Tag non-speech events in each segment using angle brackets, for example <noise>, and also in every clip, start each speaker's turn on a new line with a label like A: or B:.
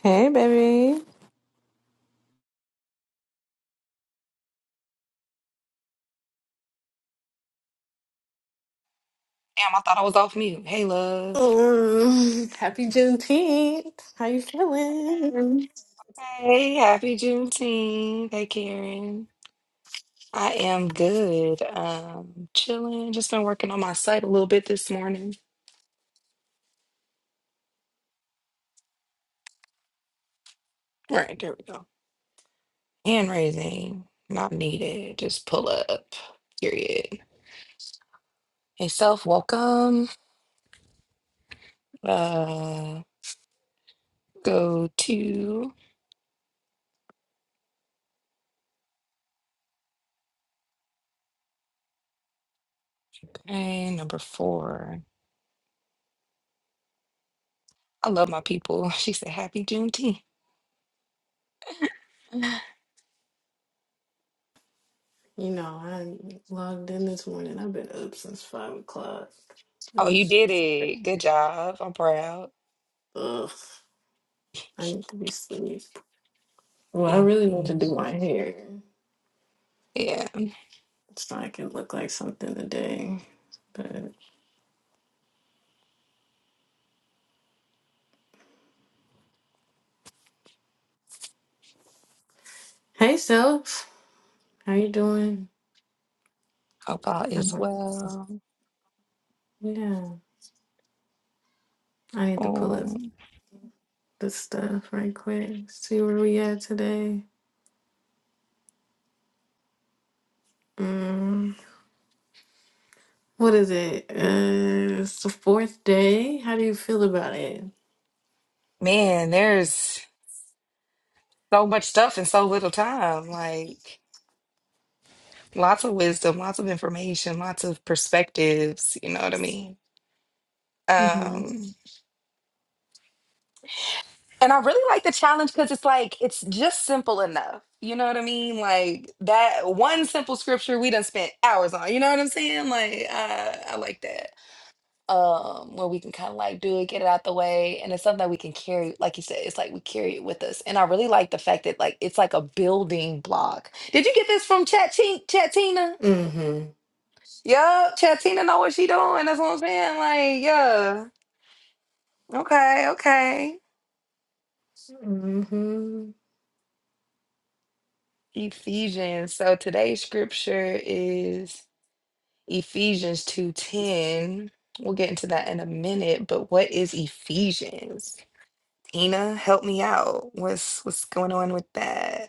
A: Hey, baby.
B: Damn, I thought I was off mute. Hey, love.
A: Um, happy Juneteenth. How you feeling?
B: Hey, happy Juneteenth. Hey, Karen. I am good. Um, chilling. Just been working on my site a little bit this morning. All right, there we go. Hand raising, not needed. Just pull up. Period. Hey, self, welcome. Uh, go to okay, number four. I love my people. <laughs> She said, "Happy Juneteenth."
A: You know, I logged in this morning. I've been up since five o'clock.
B: Oh, you
A: Just,
B: did it. Good job. I'm proud.
A: ugh, I need to be asleep. Well, I
B: Thank
A: really need to
B: you.
A: do my hair
B: Yeah.
A: so I can look like something today. But hey, self, how you doing?
B: Hope all is
A: I'm-
B: well.
A: yeah, I need to pull up
B: Um,
A: this stuff right quick. See where we at today. Mm. What is it? Uh, it's the fourth day. How do you feel about it?
B: Man, there's so much stuff in so little time. Like lots of wisdom, lots of information, lots of perspectives, you know what I mean?
A: Mm-hmm.
B: Um, and I really like the challenge because it's like it's just simple enough. You know what I mean? Like that one simple scripture we done spent hours on. You know what I'm saying? Like uh, I like that. um where we can kind of like do it get it out the way and it's something that we can carry like you said it's like we carry it with us and i really like the fact that like it's like a building block did you get this from chat chatina
A: Mm-hmm.
B: yeah chatina know what she doing that's what i'm saying like yeah okay okay
A: hmm
B: ephesians so today's scripture is ephesians 2.10 we'll get into that in a minute but what is ephesians tina help me out what's what's going on with that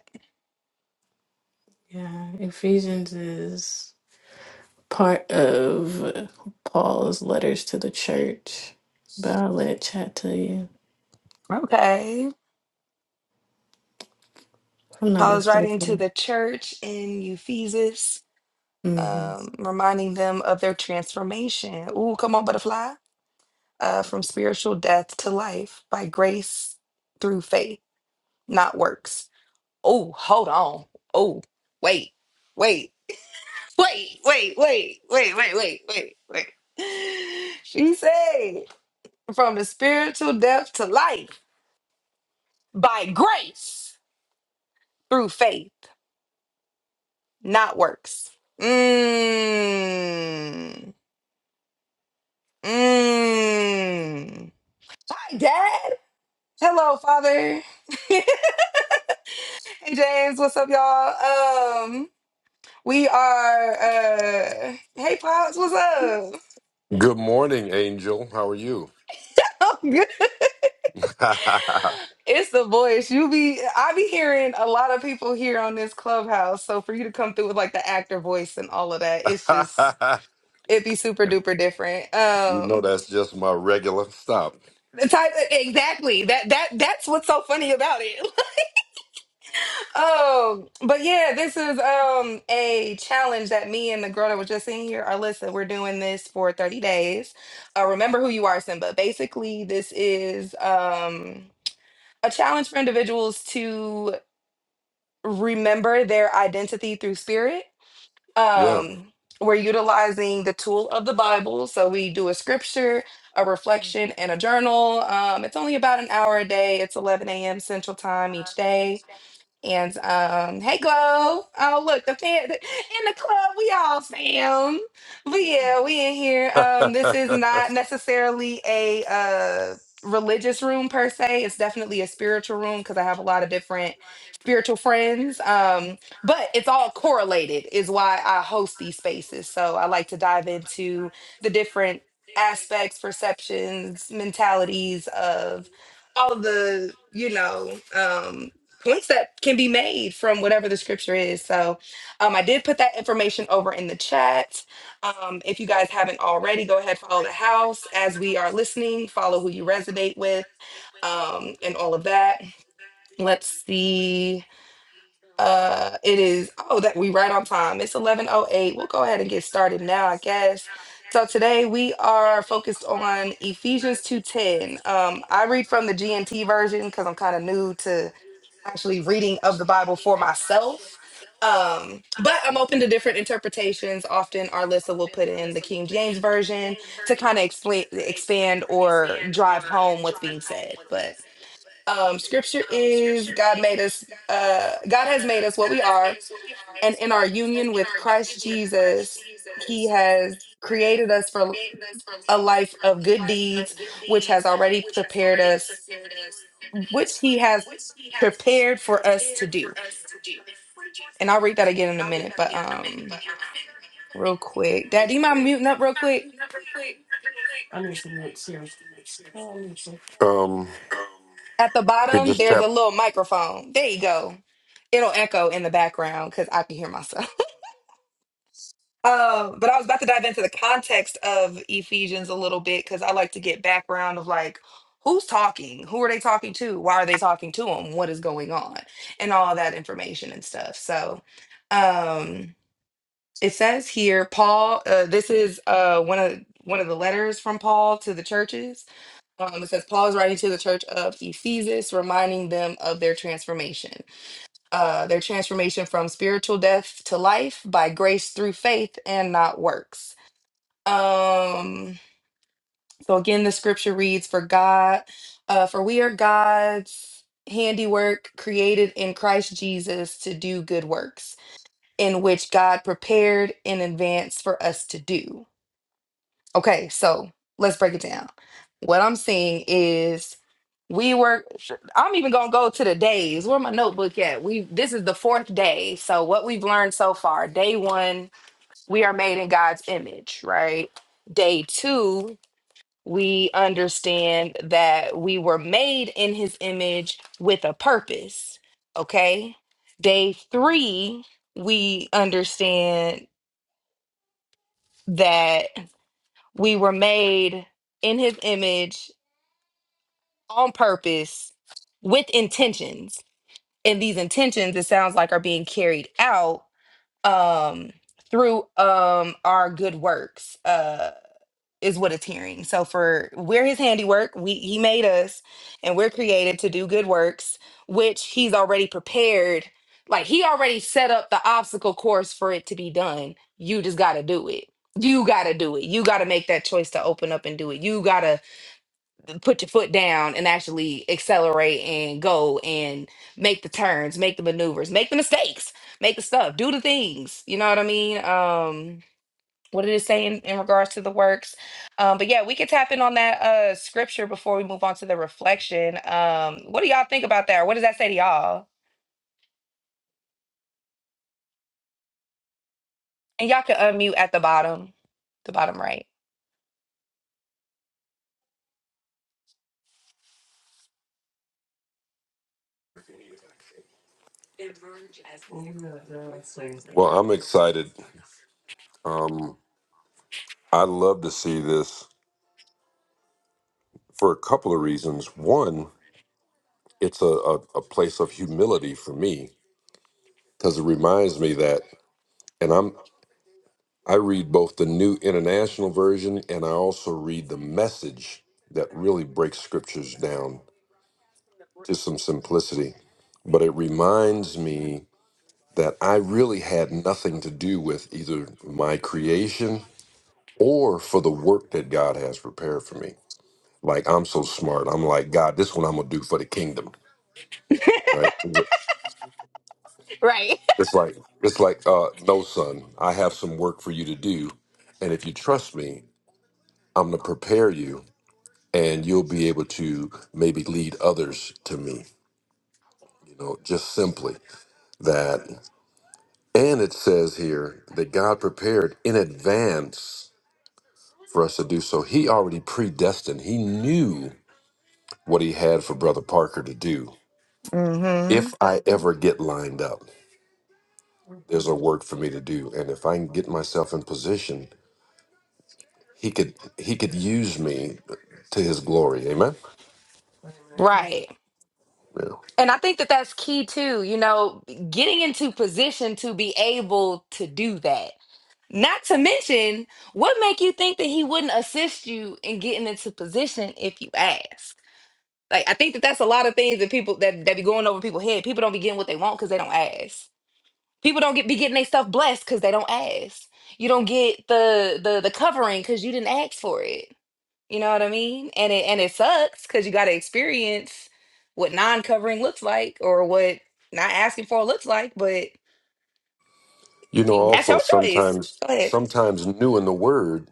A: Yeah, Ephesians is part of uh, Paul's letters to the church, but I'll let chat to you
B: Okay.
A: if I'm not
B: Paul is writing to
A: mistaken.
B: the church in Ephesus,
A: hmm
B: um, reminding them of their transformation. Ooh, come on, butterfly. Uh, from spiritual death to life by grace through faith, not works. Oh, hold on. Oh, wait, wait, wait, wait, wait, wait, wait, wait, wait, wait. <laughs> She said, from the spiritual death to life by grace through faith Not works. Mmm. Mmm. Hi, Dad. Hello, Father. <laughs> hey, James. What's up, y'all? Um, we are. uh Hey, pops. What's up?
C: Good morning, Angel. How are you?
B: <laughs> I'm good.
C: <laughs>
B: It's the voice. You be. I be hearing a lot of people here on this clubhouse. So for you to come through with like the actor voice and all of that, it's just it'd be super duper different.
C: you know
B: Um,
C: that's just my regular stop.
B: The type exactly that that that's what's so funny about it. <laughs> oh, but yeah, this is um a challenge that me and the girl that was just in here, Alyssa, we're doing this for 30 days. Uh remember who you are, Simba. Basically, this is um a challenge for individuals to remember their identity through spirit.
C: Yeah.
B: um we're utilizing the tool of the bible so we do a scripture a reflection and a journal um it's only about an hour a day it's 11 a.m central time each day and um, hey, Glow. Oh, look, the fan in the club. We all fam. But yeah, we in here.
C: <laughs>
B: Um, this is not necessarily a uh religious room per se. It's definitely a spiritual room because I have a lot of different spiritual friends. Um, but it's all correlated, is why I host these spaces. So I like to dive into the different aspects, perceptions, mentalities of all the you know um Concept can be made from whatever the scripture is. So um, I did put that information over in the chat. Um, if you guys haven't already, go ahead, follow the house as we are listening, follow who you resonate with, um, and all of that. Let's see. Uh, it is, oh, that we right on time. It's 1108. We'll go ahead and get started now, I guess. So today we are focused on Ephesians 2.10. Um, I read from the GNT version because I'm kind of new to actually reading of the Bible for myself. Um, but I'm open to different interpretations. Often our Lissa will put in the King James version to kind of explain expand or drive home what's being said. But um scripture is God made us uh God has made us what we are, and in our union with Christ Jesus, he has created us for a life of good deeds, which has already prepared us, which he has prepared for us to do. And I'll read that again in a minute, but um, real quick, Dad, do you mind muting up real quick?
C: um
B: At the
C: could
B: bottom,
C: just
B: there's a
C: tap
B: little microphone. There you go. It'll echo in the background because I can hear myself. <laughs> Uh, but I was about to dive into the context of Ephesians a little bit because I like to get background of like who's talking, who are they talking to, why are they talking to them, what is going on, and all that information and stuff. So, um, it says here, Paul. Uh, this is uh one of one of the letters from Paul to the churches Um, it says Paul is writing to the church of Ephesus, reminding them of their transformation, uh, their transformation from spiritual death to life by grace through faith and not works. Um, so again, the scripture reads, "For God, uh, for we are God's handiwork, created in Christ Jesus to do good works, in which God prepared in advance for us to do." Okay, so let's break it down. What I'm seeing is we were I'm even gonna go to the days. Where my notebook at? We this is the fourth day. So what we've learned so far, day one, we are made in God's image, right? Day two, we understand that we were made in his image with a purpose. Okay. Day three, we understand that we were made in his image on purpose with intentions and these intentions it sounds like are being carried out um through um our good works uh is what it's hearing so for we're his handiwork we he made us and we're created to do good works which he's already prepared like he already set up the obstacle course for it to be done you just got to do it you got to do it you got to make that choice to open up and do it you got to put your foot down and actually accelerate and go and make the turns, make the maneuvers, make the mistakes, make the stuff, do the things. You know what I mean? Um, what it is saying in regards to the works. Um, but yeah, we could tap in on that uh scripture before we move on to the reflection. Um, what do y'all think about that? Or what does that say to y'all? And y'all can unmute at the bottom, the bottom right. <laughs>
C: well, I'm excited. Um I love to see this for a couple of reasons. One, it's a, a, a place of humility for me because it reminds me that and I'm I read both the new international version and I also read the message that really breaks scriptures down to some simplicity, but it reminds me that I really had nothing to do with either my creation or for the work that God has prepared for me. Like I'm so smart. I'm like, God, this one I'm gonna do for the kingdom, right?
B: Right.
C: It's like it's like uh no son, I have some work for you to do. And if you trust me, I'm gonna prepare you and you'll be able to maybe lead others to me. You know, just simply that And it says here that God prepared in advance for us to do so. He already predestined, He knew what He had for Brother Parker to do.
B: Mm-hmm.
C: If I ever get lined up, there's a work for me to do. And if I can get myself in position, he could he could use me to his glory. Amen.
B: Right.
C: Yeah.
B: And I think that that's key too, you know, getting into position to be able to do that. Not to mention, what make you think that he wouldn't assist you in getting into position if you ask? Like, I think that that's a lot of things that people that, that be going over people's head. People don't be getting what they want because they don't ask. People don't get be getting their stuff blessed because they don't ask. You don't get the the the covering because you didn't ask for it. You know what I mean? And it and it sucks because you got to experience what non-covering looks like or what not asking for looks like, but
C: You know,
B: that's
C: also
B: your choice.
C: sometimes
B: Go ahead.
C: sometimes new in the word,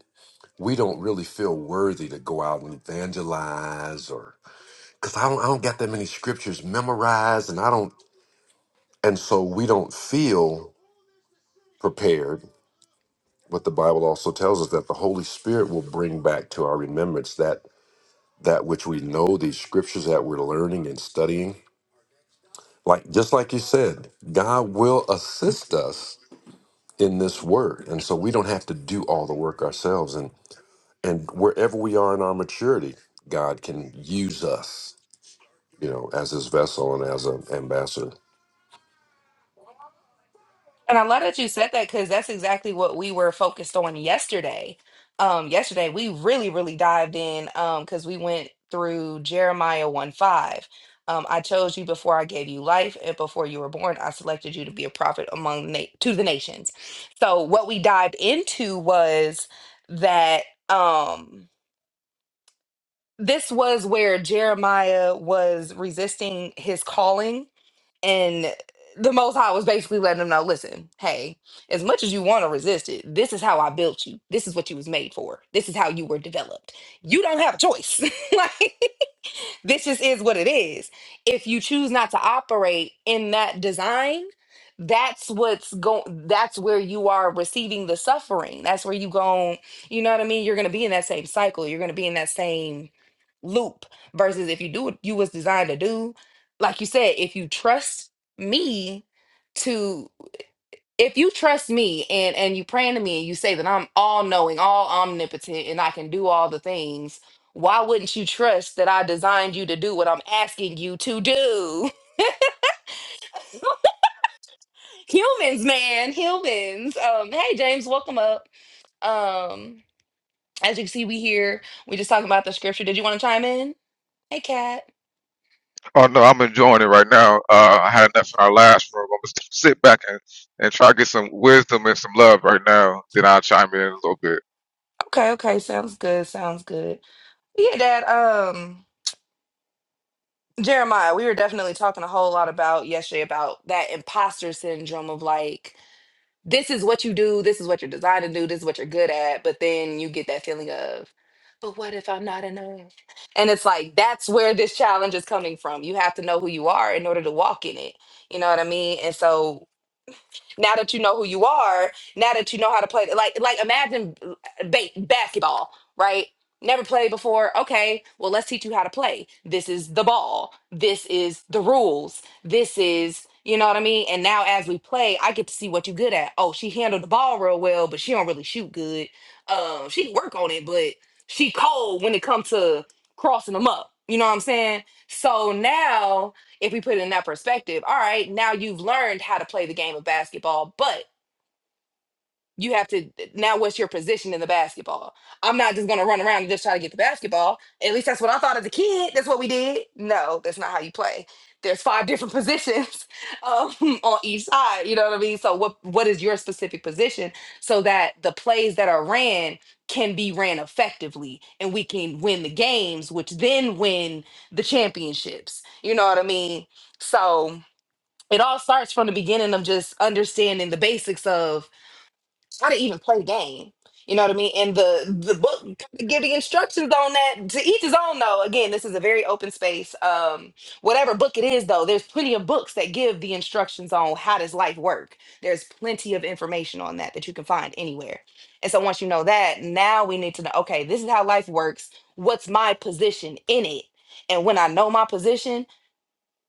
C: we don't really feel worthy to go out and evangelize or because I don't, I don't got that many scriptures memorized, and I don't, and so we don't feel prepared. But the Bible also tells us that the Holy Spirit will bring back to our remembrance that that which we know, these scriptures that we're learning and studying. Like just like you said, God will assist us in this word, and so we don't have to do all the work ourselves. And and wherever we are in our maturity, God can use us, you know, as His vessel and as an ambassador.
B: And I'm glad that you said that because that's exactly what we were focused on yesterday. Um, yesterday we really, really dived in um because we went through Jeremiah 1 5. Um, I chose you before I gave you life, and before you were born, I selected you to be a prophet among the na- to the nations. So what we dived into was that um this was where Jeremiah was resisting his calling and the Most High was basically letting them know, listen, hey, as much as you want to resist it, this is how I built you. This is what you was made for. This is how you were developed. You don't have a choice. <laughs> like this just is what it is. If you choose not to operate in that design, that's what's going that's where you are receiving the suffering. That's where you go, you know what I mean? You're gonna be in that same cycle. You're gonna be in that same loop versus if you do what you was designed to do, like you said, if you trust me to if you trust me and and you praying to me and you say that I'm all knowing, all omnipotent, and I can do all the things, why wouldn't you trust that I designed you to do what I'm asking you to do? <laughs> Humans, man, humans. Um, hey James, welcome up. Um, as you can see, we here. We just talking about the scripture. Did you want to chime in? Hey Kat.
D: Oh no, I'm enjoying it right now. Uh, I had enough in our last room. I'm gonna sit back and, and try to get some wisdom and some love right now. Then I'll chime in a little bit.
B: Okay, okay, sounds good. Sounds good. Yeah, Dad. Um, Jeremiah, we were definitely talking a whole lot about yesterday about that imposter syndrome of like this is what you do, this is what you're designed to do, this is what you're good at, but then you get that feeling of, but what if I'm not enough? And it's like that's where this challenge is coming from. You have to know who you are in order to walk in it. You know what I mean? And so now that you know who you are, now that you know how to play, like like imagine uh, ba- basketball, right? Never played before. Okay, well let's teach you how to play. This is the ball. This is the rules. This is you know what I mean. And now as we play, I get to see what you good at. Oh, she handled the ball real well, but she don't really shoot good. Um, she can work on it, but she cold when it comes to crossing them up. You know what I'm saying? So now if we put it in that perspective, all right, now you've learned how to play the game of basketball, but you have to eh, now what's your position in the basketball? I'm not just gonna run around and just try to get the basketball. At least that's what I thought as a kid. That's what we did. No, that's not how you play. There's five different <laughs> positions um, on each side. You know what I mean? So what what is your specific position so that the plays that are ran can be ran effectively and we can win the games, which then win the championships. You know what I mean? So it all starts from the beginning of just understanding the basics of how to even play the game. You know what I mean? And the the book kinda give the instructions on that to each his own though. Again, this is a very open space. Um, whatever book it is though, there's plenty of books that give the instructions on how does life work. There's plenty of information on that that you can find anywhere. And so once you know that, now we need to know, okay, this is how life works. What's my position in it? And when I know my position,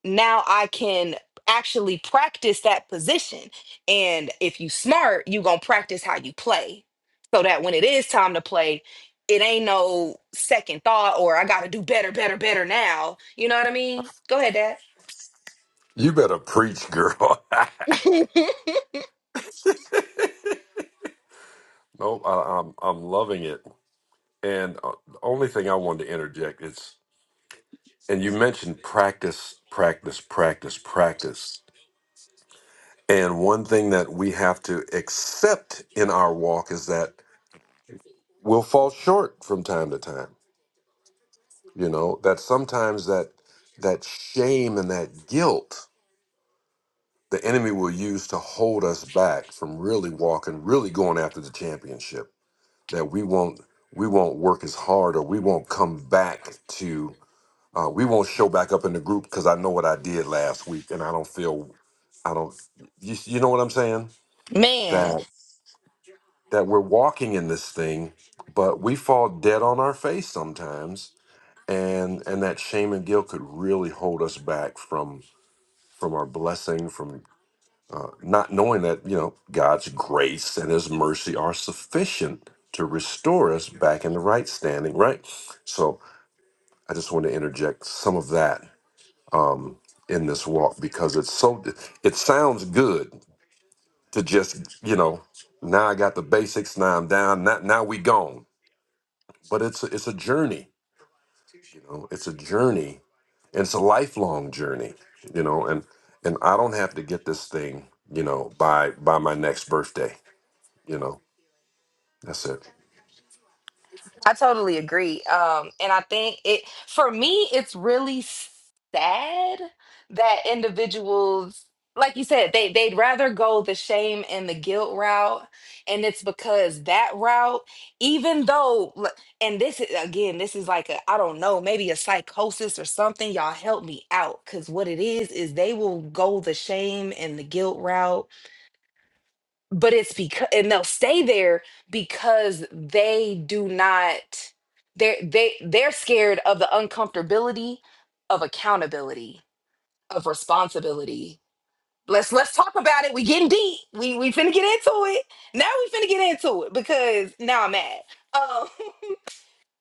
B: now I can actually practice that position. And if you smart, you gonna practice how you play. So that when it is time to play, it ain't no second thought or I gotta do better, better, better now. You know what I mean? Go ahead,
C: You better preach, girl. <laughs>
B: Dad.
C: No, I, I'm I'm loving it. And uh, the only thing I wanted to interject is, and you mentioned practice, practice, practice, practice. And one thing that we have to accept in our walk is that we'll fall short from time to time. You know that sometimes that that shame and that guilt the enemy will use to hold us back from really walking, really going after the championship. That we won't we won't work as hard or we won't come back to Uh, we won't show back up in the group because I know what I did last week, and I don't feel, I don't, you, you know what I'm saying?
B: <laughs> Man.
C: That that we're walking in this thing, but we fall dead on our face sometimes, and and that shame and guilt could really hold us back from from our blessing, from uh, not knowing that you know God's grace and His mercy are sufficient to restore us back in the right standing, right? So I just want to interject some of that in this walk because it's so it sounds good to just you know now i got the basics now i'm down now, now we gone but it's a, it's a journey you know it's a journey and it's a lifelong journey you know and and i don't have to get this thing you know by by my next birthday you know that's it
B: I totally agree. Um, and I think it for me, it's really sad that individuals, like you said, they they'd rather go the shame and the guilt route, and it's because that route, even though, l- and this is again, this is like a I don't know, maybe a psychosis or something. Y'all help me out, because what it is is they will go the shame and the guilt route but it's because and they'll stay there because they do not they're they they're scared of the uncomfortability of accountability of responsibility let's let's talk about it we getting deep we we finna get into it now we finna get into it because now i'm mad um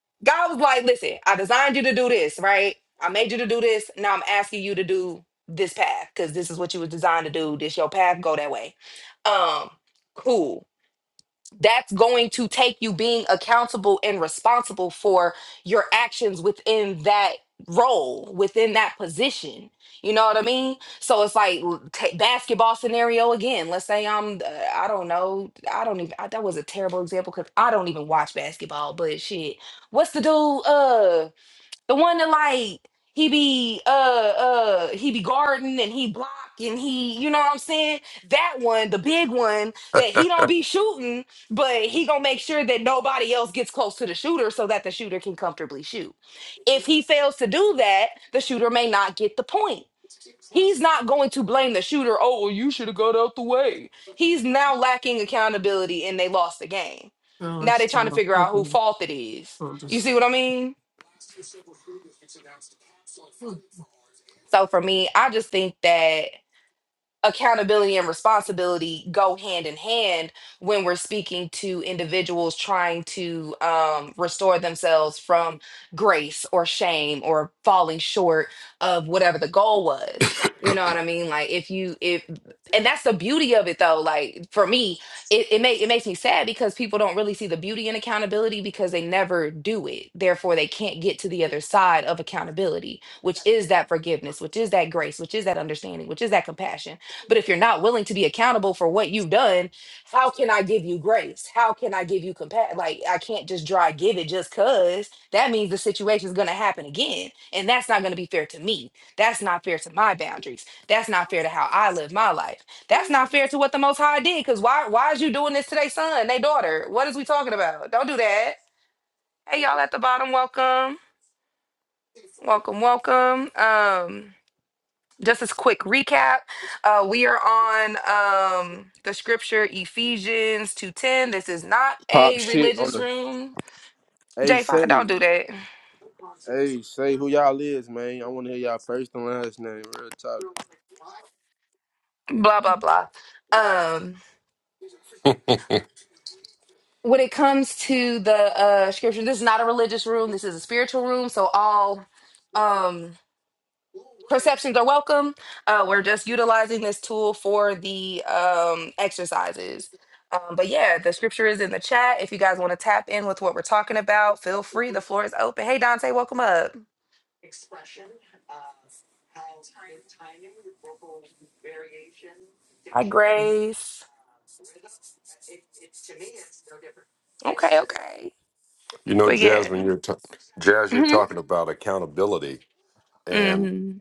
B: <laughs> god was like listen i designed you to do this right i made you to do this now i'm asking you to do this path because this is what you was designed to do this your path go that way um cool that's going to take you being accountable and responsible for your actions within that role within that position you know what i mean so it's like l- ta- basketball scenario again let's say i'm uh, i don't know i don't even I, that was a terrible example because i don't even watch basketball but shit what's the dude Uh, the one that like he be uh uh he be guarding and he block and he you know what I'm saying? That one, the big one that he don't be shooting, but he gonna make sure that nobody else gets close to the shooter so that the shooter can comfortably shoot. If he fails to do that, the shooter may not get the point. He's not going to blame the shooter. Oh, well, you should have got out the way. He's now lacking accountability and they lost the game. Now they're trying to figure out who fault it is. You see what I mean? So for me, I just think that accountability and responsibility go hand in hand when we're speaking to individuals trying to um, restore themselves from grace or shame or falling short of whatever the goal was you know what i mean like if you if and that's the beauty of it though like for me it, it may it makes me sad because people don't really see the beauty in accountability because they never do it therefore they can't get to the other side of accountability which is that forgiveness which is that grace which is that understanding which is that compassion but if you're not willing to be accountable for what you've done, how can I give you grace? How can I give you compassion? Like, I can't just dry give it just because that means the situation is going to happen again. And that's not going to be fair to me. That's not fair to my boundaries. That's not fair to how I live my life. That's not fair to what the Most High did. Because why, why is you doing this to their son, their daughter? What is we talking about? Don't do that. Hey, y'all at the bottom, welcome. Welcome, welcome. Um, just as quick recap uh we are on um the scripture ephesians 2.10 this is not
E: pop
B: a
E: shit on
B: religious
E: the.
B: room
E: Hey,
B: j5
E: say,
B: don't do that
E: hey, say who y'all is, man. I want to hear y'all first and last name. Real talk.
B: blah blah blah um when it comes to the uh scripture this is not a religious room this is a spiritual room so all um perceptions are welcome. Uh, we're just utilizing this tool for the um, exercises. Um, but yeah, the scripture is in the chat. If you guys want to tap in with what we're talking about, feel free. The floor is open. Hey, Dante, welcome up. Hi, Grace. Okay, okay.
C: you know
B: But
C: jasmine
B: yeah.
C: you're ta- jazz you're
B: hmm
C: talking about accountability
B: hmm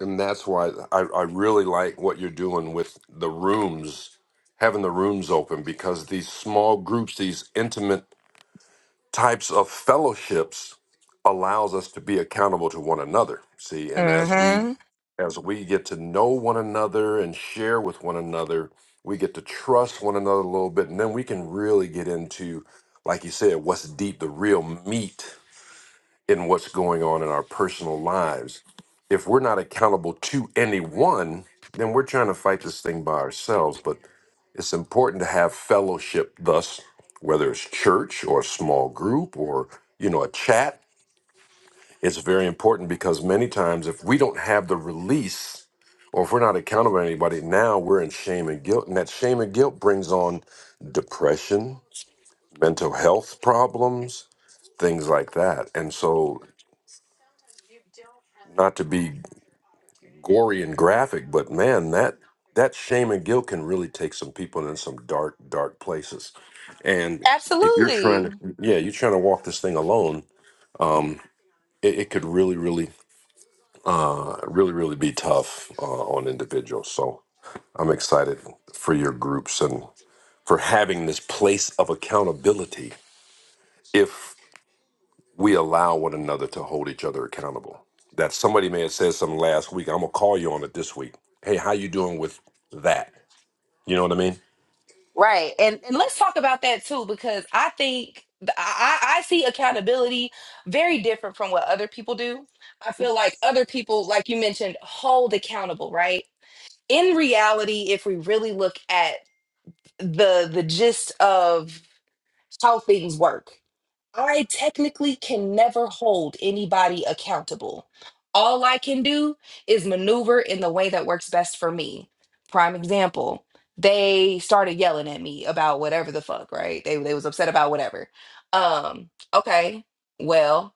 C: and that's why I, I really like what you're doing with the rooms, having the rooms open because these small groups, these intimate types of fellowships allows us to be accountable to one another. See, and as we
B: hmm
C: as we get to know one another and share with one another, we get to trust one another a little bit and then we can really get into like you said, what's deep, the real meat in what's going on in our personal lives. If we're not accountable to anyone, then we're trying to fight this thing by ourselves. But it's important to have fellowship, thus, whether it's church or a small group or, you know, a chat. It's very important because many times if we don't have the release or if we're not accountable to anybody, now we're in shame and guilt. And that shame and guilt brings on depression, mental health problems, things like that. And so, not to be gory and graphic, but man, that that shame and guilt can really take some people in some dark, dark places. And if you're trying
B: Absolutely.
C: to, yeah, you're trying to walk this thing alone, um, it, it could really, really, uh, really, really be tough uh, on individuals. So I'm excited for your groups and for having this place of accountability. If we allow one another to hold each other accountable. That somebody may have said something last week. I'm gonna call you on it this week. Hey, how you doing with that? You know what I mean?
B: Right. And and let's talk about that too, because I think th- I, I I see accountability very different from what other people do. I feel like other people, like you mentioned, hold accountable, right? In reality, if we really look at the the gist of how things work, I technically can never hold anybody accountable. All I can do is maneuver in the way that works best for me. Prime example, they started yelling at me about whatever the fuck, right? They they was upset about whatever. Um, okay. Well,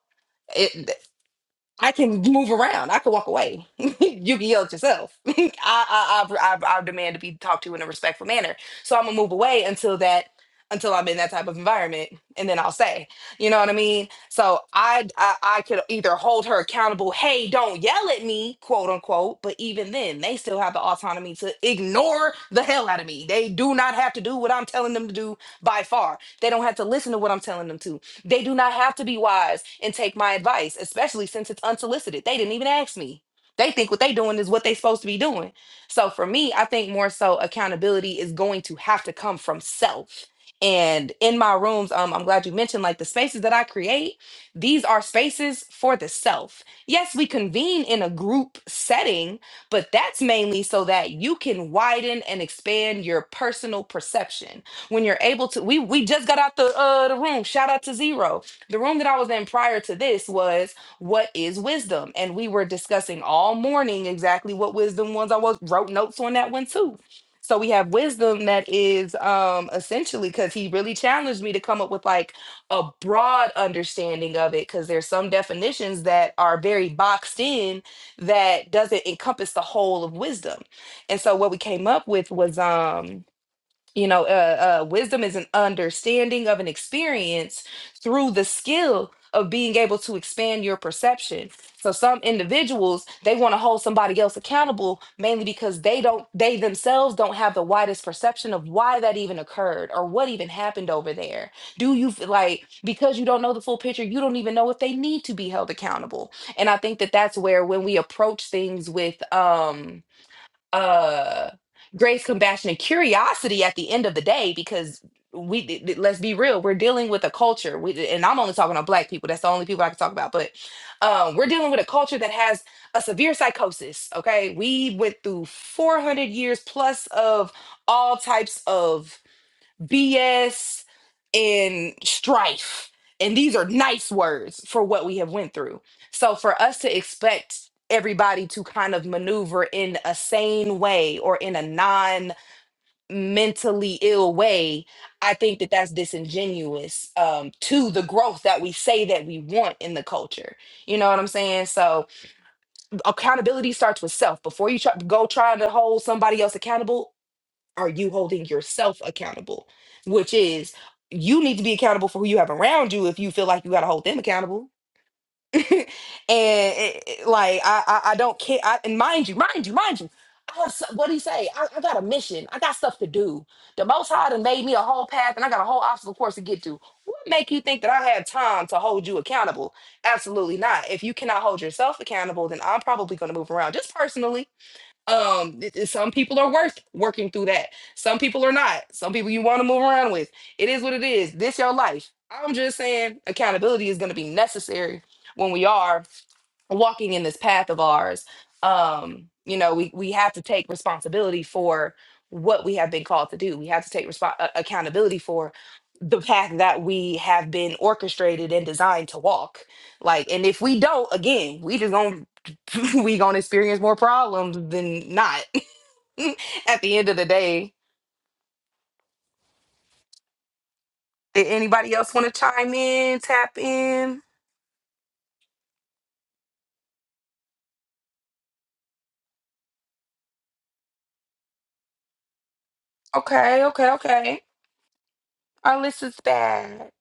B: it I can move around. I can walk away. <laughs> you can yell at yourself. <laughs> I, I, I, I, I demand to be talked to in a respectful manner. So I'm gonna move away until that, until I'm in that type of environment, and then I'll say, you know what I mean. So I, I, I could either hold her accountable. Hey, don't yell at me, quote unquote. But even then, they still have the autonomy to ignore the hell out of me. They do not have to do what I'm telling them to do by far. They don't have to listen to what I'm telling them to they do not have to be wise and take my advice, especially since it's unsolicited. They didn't even ask me. They think what they doing is what they supposed to be doing. So for me, I think more so accountability is going to have to come from self. And in my rooms, um, I'm glad you mentioned like the spaces that I create, these are spaces for the self. Yes, we convene in a group setting, but that's mainly so that you can widen and expand your personal perception when you're able to we we just got out the uh the room shout out to zero the room that i was in prior to this was what is wisdom and we were discussing all morning exactly what wisdom was i was wrote notes on that one too so we have wisdom that is um essentially because he really challenged me to come up with like a broad understanding of it because there's some definitions that are very boxed in that doesn't encompass the whole of wisdom and so what we came up with was um you know uh, uh wisdom is an understanding of an experience through the skill of being able to expand your perception so some individuals they want to hold somebody else accountable mainly because they don't they themselves don't have the widest perception of why that even occurred or what even happened over there do you f- like because you don't know the full picture you don't even know if they need to be held accountable and i think that that's where when we approach things with um uh grace compassion and curiosity at the end of the day because we th- th- let's be real we're dealing with a culture we, and i'm only talking on black people that's the only people i can talk about but um, we're dealing with a culture that has a severe psychosis okay we went through 400 years plus of all types of BS and strife. And these are nice words for what we have went through. So for us to expect everybody to kind of maneuver in a sane way or in a non mentally ill way, I think that that's disingenuous um, to the growth that we say that we want in the culture. You know what I'm saying? So accountability starts with self. Before you try, go trying to hold somebody else accountable, are you holding yourself accountable? Which is, you need to be accountable for who you have around you if you feel like you got to hold them accountable. <laughs> and it- it- like, I, I, I don't care. I, and mind you, mind you, mind you, I have, so- what do you say? I, I got a mission. I got stuff to do. The Most High done made me a whole path, and I got a whole obstacle course to get to. What make you think that I have time to hold you accountable? Absolutely not. If you cannot hold yourself accountable, then I'm probably going to move around just personally um, it- it- some people are worth working through that. Some people are not. Some people you want to move around with. It is what it is. This your life. I'm just saying accountability is going to be necessary when we are walking in this path of ours um you know we we have to take responsibility for what we have been called to do we have to take responsibility accountability for the path that we have been orchestrated and designed to walk. Like, and if we don't, again, we just gonna <laughs> we gonna experience more problems than not. <laughs> At the end of the day, did anybody else want to chime in, tap in? Okay, okay, okay. Our list is back.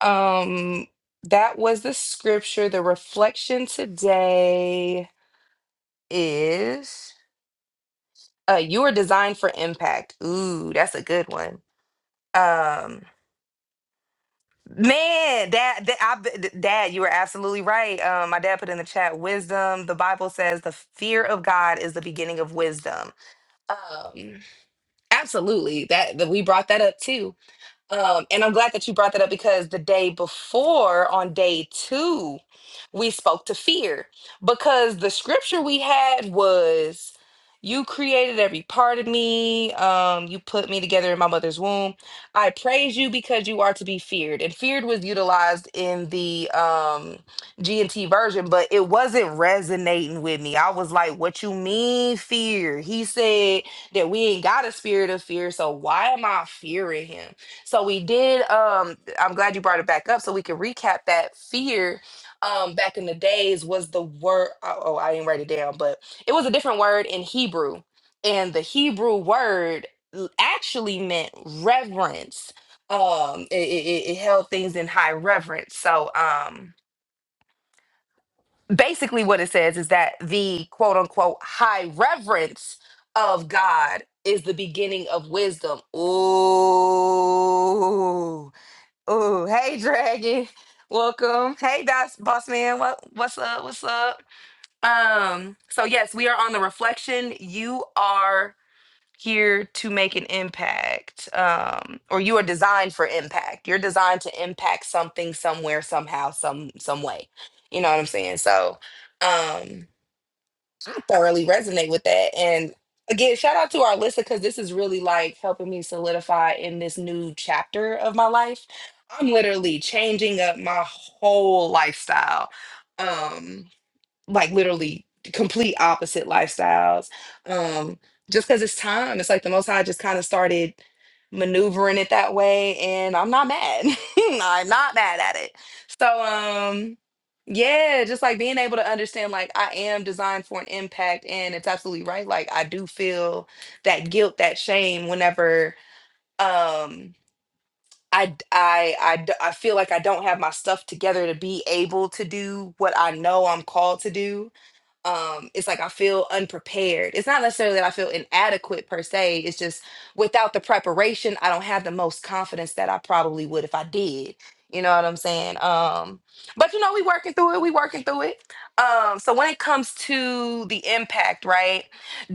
B: Um, that was the scripture. The reflection today is uh, you are designed for impact. Ooh, that's a good one. Um Man, dad, dad, I b- dad, you were absolutely right. Um, my dad put in the chat wisdom. The Bible says the fear of God is the beginning of wisdom. Um, absolutely. That, that we brought that up too. Um, and I'm glad that you brought that up because the day before, on day two, we spoke to fear because the scripture we had was, You created every part of me. Um, you put me together in my mother's womb. I praise you because you are to be feared. And feared was utilized in the um, G&T version, but it wasn't resonating with me. I was like, What you mean, fear? He said that we ain't got a spirit of fear. So why am I fearing him? So we did. Um, I'm glad you brought it back up so we can recap that fear. Um, back in the days was the word. Oh, oh, I didn't write it down, but it was a different word in Hebrew, and the Hebrew word l- actually meant reverence. Um, it, it, it it held things in high reverence. So, um, basically, what it says is that the quote unquote high reverence of God is the beginning of wisdom. Ooh Oh, hey Dragon. Welcome. Hey Boss Boss Man. What what's up? What's up? Um, so yes, we are on the reflection. You are here to make an impact. Um, or you are designed for impact. You're designed to impact something somewhere, somehow, some some way. You know what I'm saying? So, um I thoroughly resonate with that. And again, shout out to our listener because this is really like helping me solidify in this new chapter of my life. I'm literally changing up my whole lifestyle. Um, like literally complete opposite lifestyles. Um, just because it's time, it's like the Most High just kind of started maneuvering it that way, and I'm not mad. <laughs> I'm not mad at it. So, um, yeah, just like being able to understand, like I am designed for an impact, and it's absolutely right. Like I do feel that guilt, that shame, whenever um I d- I I d- I feel like I don't have my stuff together to be able to do what I know I'm called to do um it's like i feel unprepared it's not necessarily that i feel inadequate per se it's just without the preparation i don't have the most confidence that i probably would if i did you know what i'm saying um but you know we working through it we working through it um so when it comes to the impact right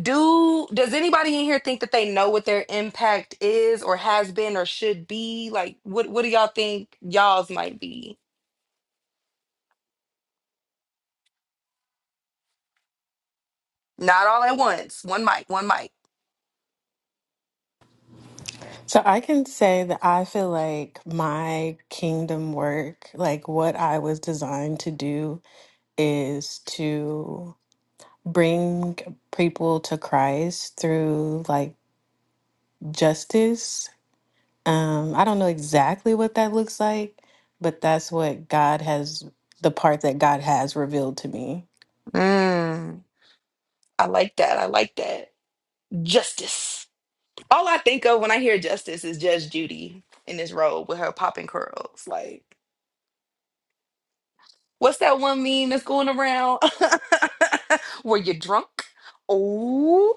B: do does anybody in here think that they know what their impact is or has been or should be like what what do y'all think y'all's might be not all at once one mic one mic
A: So I can say that I feel like my kingdom work, like what I was designed to do, is to. bring people to Christ through like justice. Um, I don't know exactly what that looks like, but that's what God has, the part that God has revealed to me.
B: Mm. I like that. I like that. Justice. All I think of when I hear justice is Judge Judy in this robe with her popping curls. Like, what's that one meme that's going around? <laughs> Were you drunk? Oh,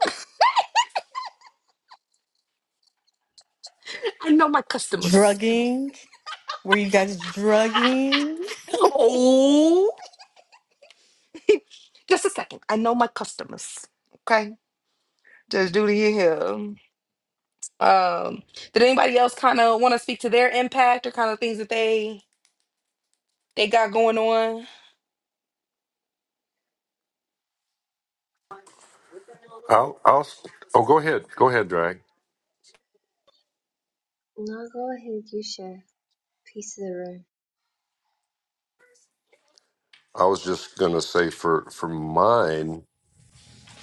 B: <laughs> I know my customers. <laughs>
A: Drugging? Were you guys drugging?
B: Oh, <laughs> just a second. I know my customers. Okay, Judge Judy in here. Um, did anybody else kind of want to speak to their impact or kind of things that they they got going on?
C: I'll, I'll, oh, go ahead. Go ahead, Drag.
F: No, go ahead, you share piece of the room.
C: I was just going to say for, for mine,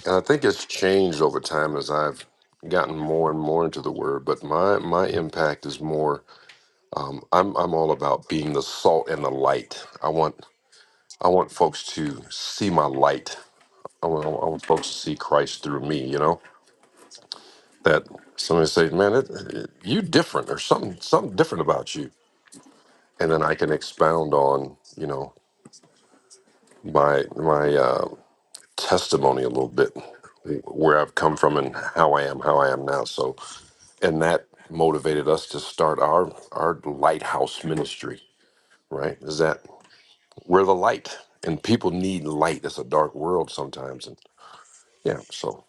C: and I think it's changed over time as I've gotten more and more into the word, but my, my impact is more, um, I'm, I'm all about being the salt and the light. I want, I want folks to see my light. I want, I want folks to see Christ through me, you know? that somebody say, "Man, it, it, you different, or something something different about you," and then I can expound on you know my my uh, testimony a little bit, where I've come from and how I am, how I am now. So, and that motivated us to start our our lighthouse ministry. Right? Is that we're the light, and people need light. It's a dark world sometimes, and yeah. So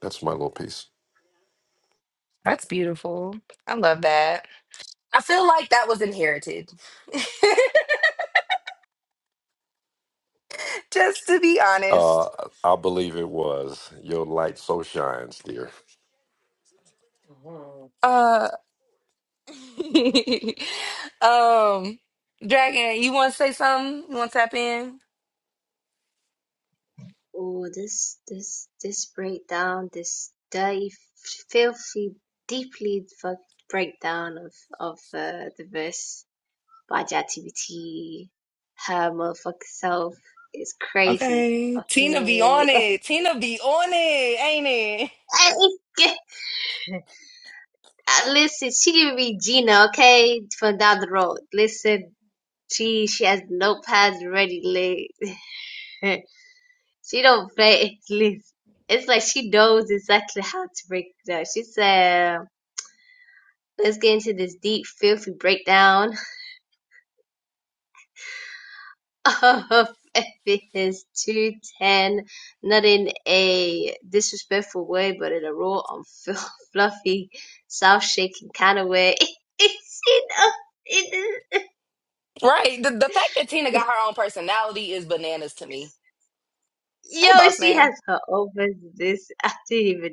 C: that's my little piece.
B: That's beautiful. I love that. I feel like that was inherited. <laughs> Just to be
C: Uh,
B: honest.
C: I believe it was your light so shines, dear.
B: Uh <laughs> um Dragon, you wanna say something? You wanna tap in?
F: Oh, this this this breakdown, this dirty filthy deeply fucked breakdown of of uh, the verse by activity, Her fuck self is crazy.
B: Okay. Tina be on
F: Okay. <laughs>
B: it. Tina be on it, ain't it?
F: Listen, she can be Gina, okay? From down the road. Listen, she she has notepads ready laid. <laughs> She don't play <laughs> at least. It's like she knows exactly how to break it down. She said, let's get into this deep, filthy breakdown <laughs> of FBS 2.10, not in a disrespectful way, but in a raw, unf- <laughs> fluffy, self-shaking kind of way. <laughs> she knows. It
B: Right. The the fact that Tina
F: is.
B: got her own personality is bananas to me.
F: <laughs>
B: Hey
F: Yo,
B: boss
F: she
B: man.
F: has her own version of this. I didn't even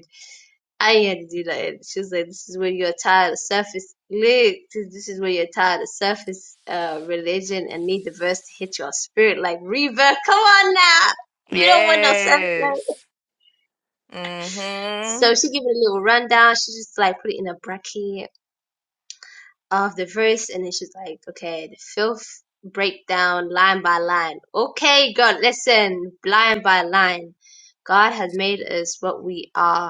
F: iron dealer and she's like this is when you're tired of surface lyrics this is when you're tired of surface uh religion and need the verse to hit your spirit like reverb come on now we don't want no surface lyrics.
B: Yes. Mm-hmm.
F: so she give it a little rundown she just like put it in a bracket of the verse and then she's like okay the filth breakdown line by line okay god listen line by line god has made us what we are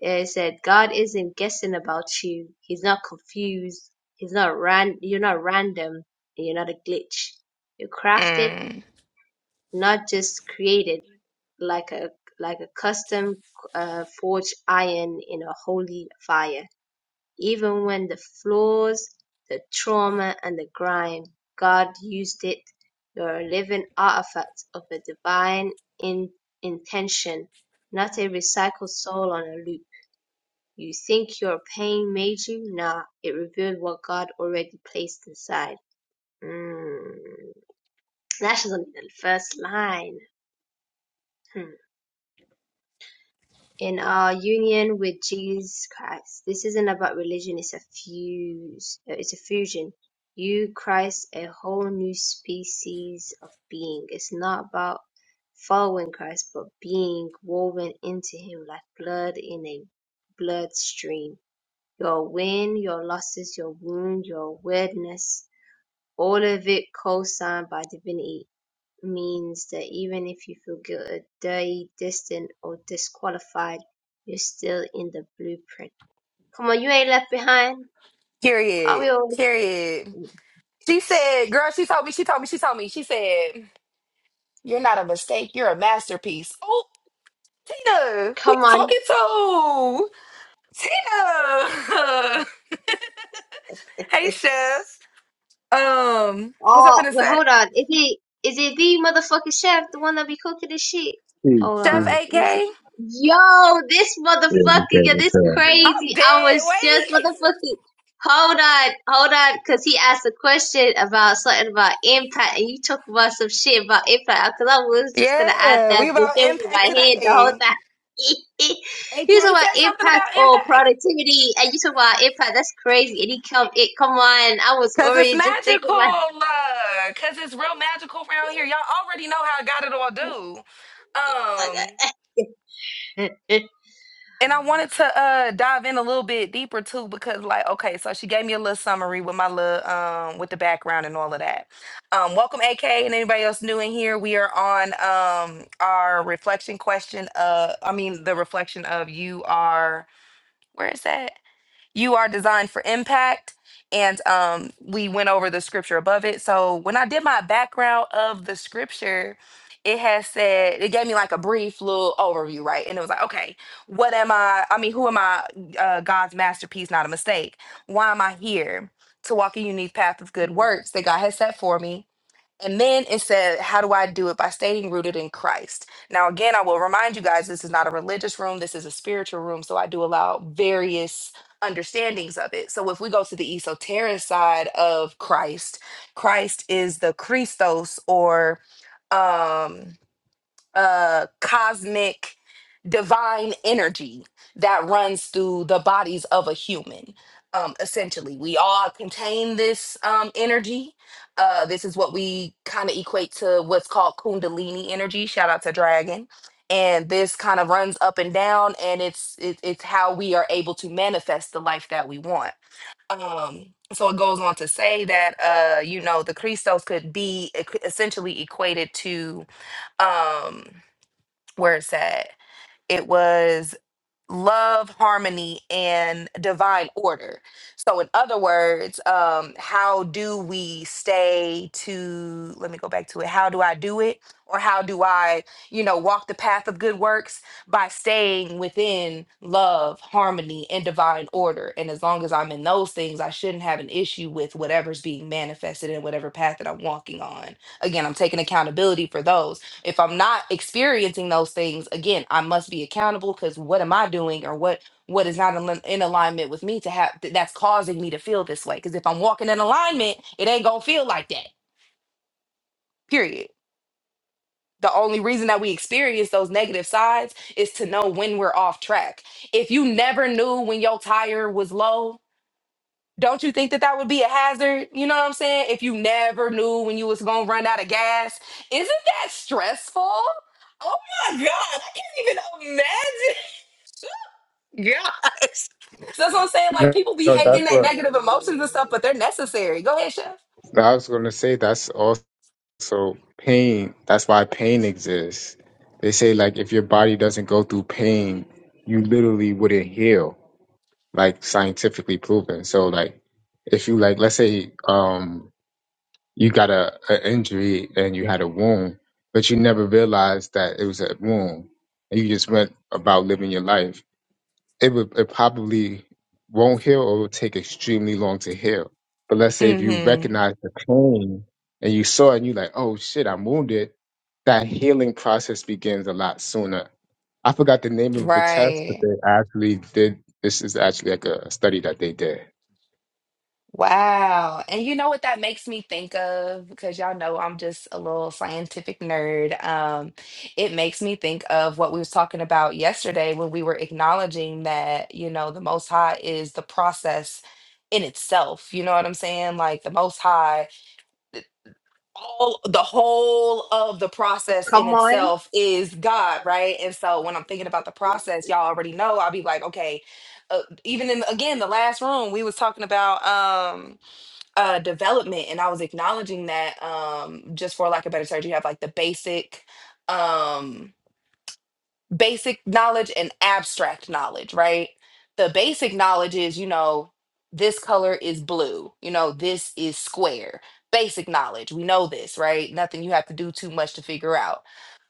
F: Yeah, It said God isn't guessing about you. He's not confused. He's not ran. You're not random. And you're not a glitch. You're crafted,
B: Mm.
F: not just created, like a like a custom uh, forged iron in a holy fire. Even when the flaws, the trauma, and the grime, God used it. You're a living artifact of a divine in- intention, not a recycled soul on a loop. You think your pain made you? Nah, it revealed what God already placed inside. Mm. That's just only the first line. Hmm. In our union with Jesus Christ, this isn't about religion. It's a fuse. uh, It's a fusion. You, Christ, a whole new species of being. It's not about following Christ, but being woven into Him like blood in a bloodstream Your win, your losses, your wound, your weirdness, all of it co-signed by divinity means that even if you feel guilty, dirty, distant, or disqualified, you're still in the blueprint. Come on, you ain't left behind. Are we
B: Period.
F: all?
B: Period. She said, girl, she told me, she told me, she told me. She said, You're not a mistake, you're a masterpiece. Oh, Tina, who you
F: Come on.
B: talking to? Tina. <laughs> hey
F: <laughs>
B: Chef. Um, what's up
F: Oh,
B: in the
F: but
B: set?
F: hold on. Is it is it the motherfucking chef, the one that be cooking this shit?
G: Mm,
F: Hold
B: Chef
F: on,
G: mm.
F: let me see.
B: AK?
F: Yo, this
G: Yeah, you
F: motherfucker,
G: said
F: yeah,
G: it's,
F: this
G: uh,
B: I'm
F: crazy. I
B: dead.
F: was just
B: Wait.
F: motherfucking. Hold on, hold on, cause he asked a question about something about impact, and you talk about some shit about impact. Cause I was just gonna add
B: Yeah,
F: that
B: we
F: bitch
B: about
F: in my
B: impact
F: head the whole
B: today.
F: time. <laughs>
B: AK
F: you talk about
B: said something
F: impact
B: about
F: or
B: impact.
F: productivity, and you talk about impact. That's crazy. And he come, it come on. I was
B: Cause it's
F: already just thinking
B: magical.
F: about.
B: uh, Cause it's real magical around here. Y'all already know how I got it all do.
F: <laughs> Come
B: And I wanted to uh dive in a little bit deeper too, because like, okay, so she gave me a little summary with my little um with the background and all of that. Um, welcome AK and anybody else new in here. We are on um our reflection question uh I mean the reflection of you are where is that? you are designed for impact and um we went over the scripture above it so when i did my background of the scripture it has said it gave me like a brief little overview right and it was like okay what am i i mean who am i uh, god's masterpiece not a mistake why am i here to walk a unique path of good works that god has set for me and then it said, How do I do it? By staying rooted in Christ. Now, again, I will remind you guys this is not a religious room, this is a spiritual room. So I do allow various understandings of it. So if we go to the esoteric side of Christ, Christ is the Christos or. um, uh cosmic divine energy that runs through the bodies of a human um essentially we all contain this um energy uh this is what we kind of equate to what's called kundalini energy shout out to dragon and this kind of runs up and down and it's it, it's how we are able to manifest the life that we want um so it goes on to say that uh you know the christos could be equ- essentially equated to um where it's at. It was love, harmony, and divine order. So, in other words, um, how do we stay to, let me go back to it, how do I do it? Or how do I, you know, walk the path of good works by staying within love, harmony, and divine order? And as long as I'm in those things, I shouldn't have an issue with whatever's being manifested in whatever path that I'm walking on. Again, I'm taking accountability for those if i'm not experiencing those things again i must be accountable because what am i doing or what what is not in in alignment with me to have th- that's causing me to feel this way because if i'm walking in alignment it ain't gonna feel like that period the only reason that we experience those negative sides is to know when we're off track if you never knew when your tire was low Don't you think that that would be a hazard? You know what I'm saying? If you never knew when you was gonna run out of gas, isn't that stressful? Oh my god, I can't even imagine. <laughs> Yeah, so that's what I'm saying. Like
G: No,
B: people be
G: no, that's
B: hating that
G: what
B: negative emotions and stuff, but they're necessary. Go ahead, chef.
G: I was gonna say. That's also pain. That's why pain exists. They say like if your body doesn't go through pain, you literally wouldn't heal, like scientifically proven. So like if you like, let's say um you got a, a injury and you had a wound, but you never realized that it was a wound, and you just went about living your life it would it probably won't heal or it would take extremely long to heal. But let's say if you
B: Mm-hmm.
G: recognize the pain and you saw it and you're like, oh shit, I'm wounded, that healing process begins a lot sooner. I forgot the name of the test, but
B: Right.
G: they actually did this is actually like a study that they did
B: Wow. And you know what that makes me think of? Because y'all know I'm just a little scientific nerd. Um, it makes me think of what we was talking about yesterday when we were acknowledging that, you know, the Most High is the process in itself. You know what I'm saying? Like the Most High, all the whole of the process in
F: on.
B: itself is God, right? And so when I'm thinking about the process, y'all already know, I'll be like, okay, uh, even in, again, the last room, we was talking about, um, uh development and i was acknowledging that um just for lack of better terms you have like the basic um basic knowledge and abstract knowledge right the basic knowledge is you know this color is blue you know this is square basic knowledge we know this right nothing you have to do too much to figure out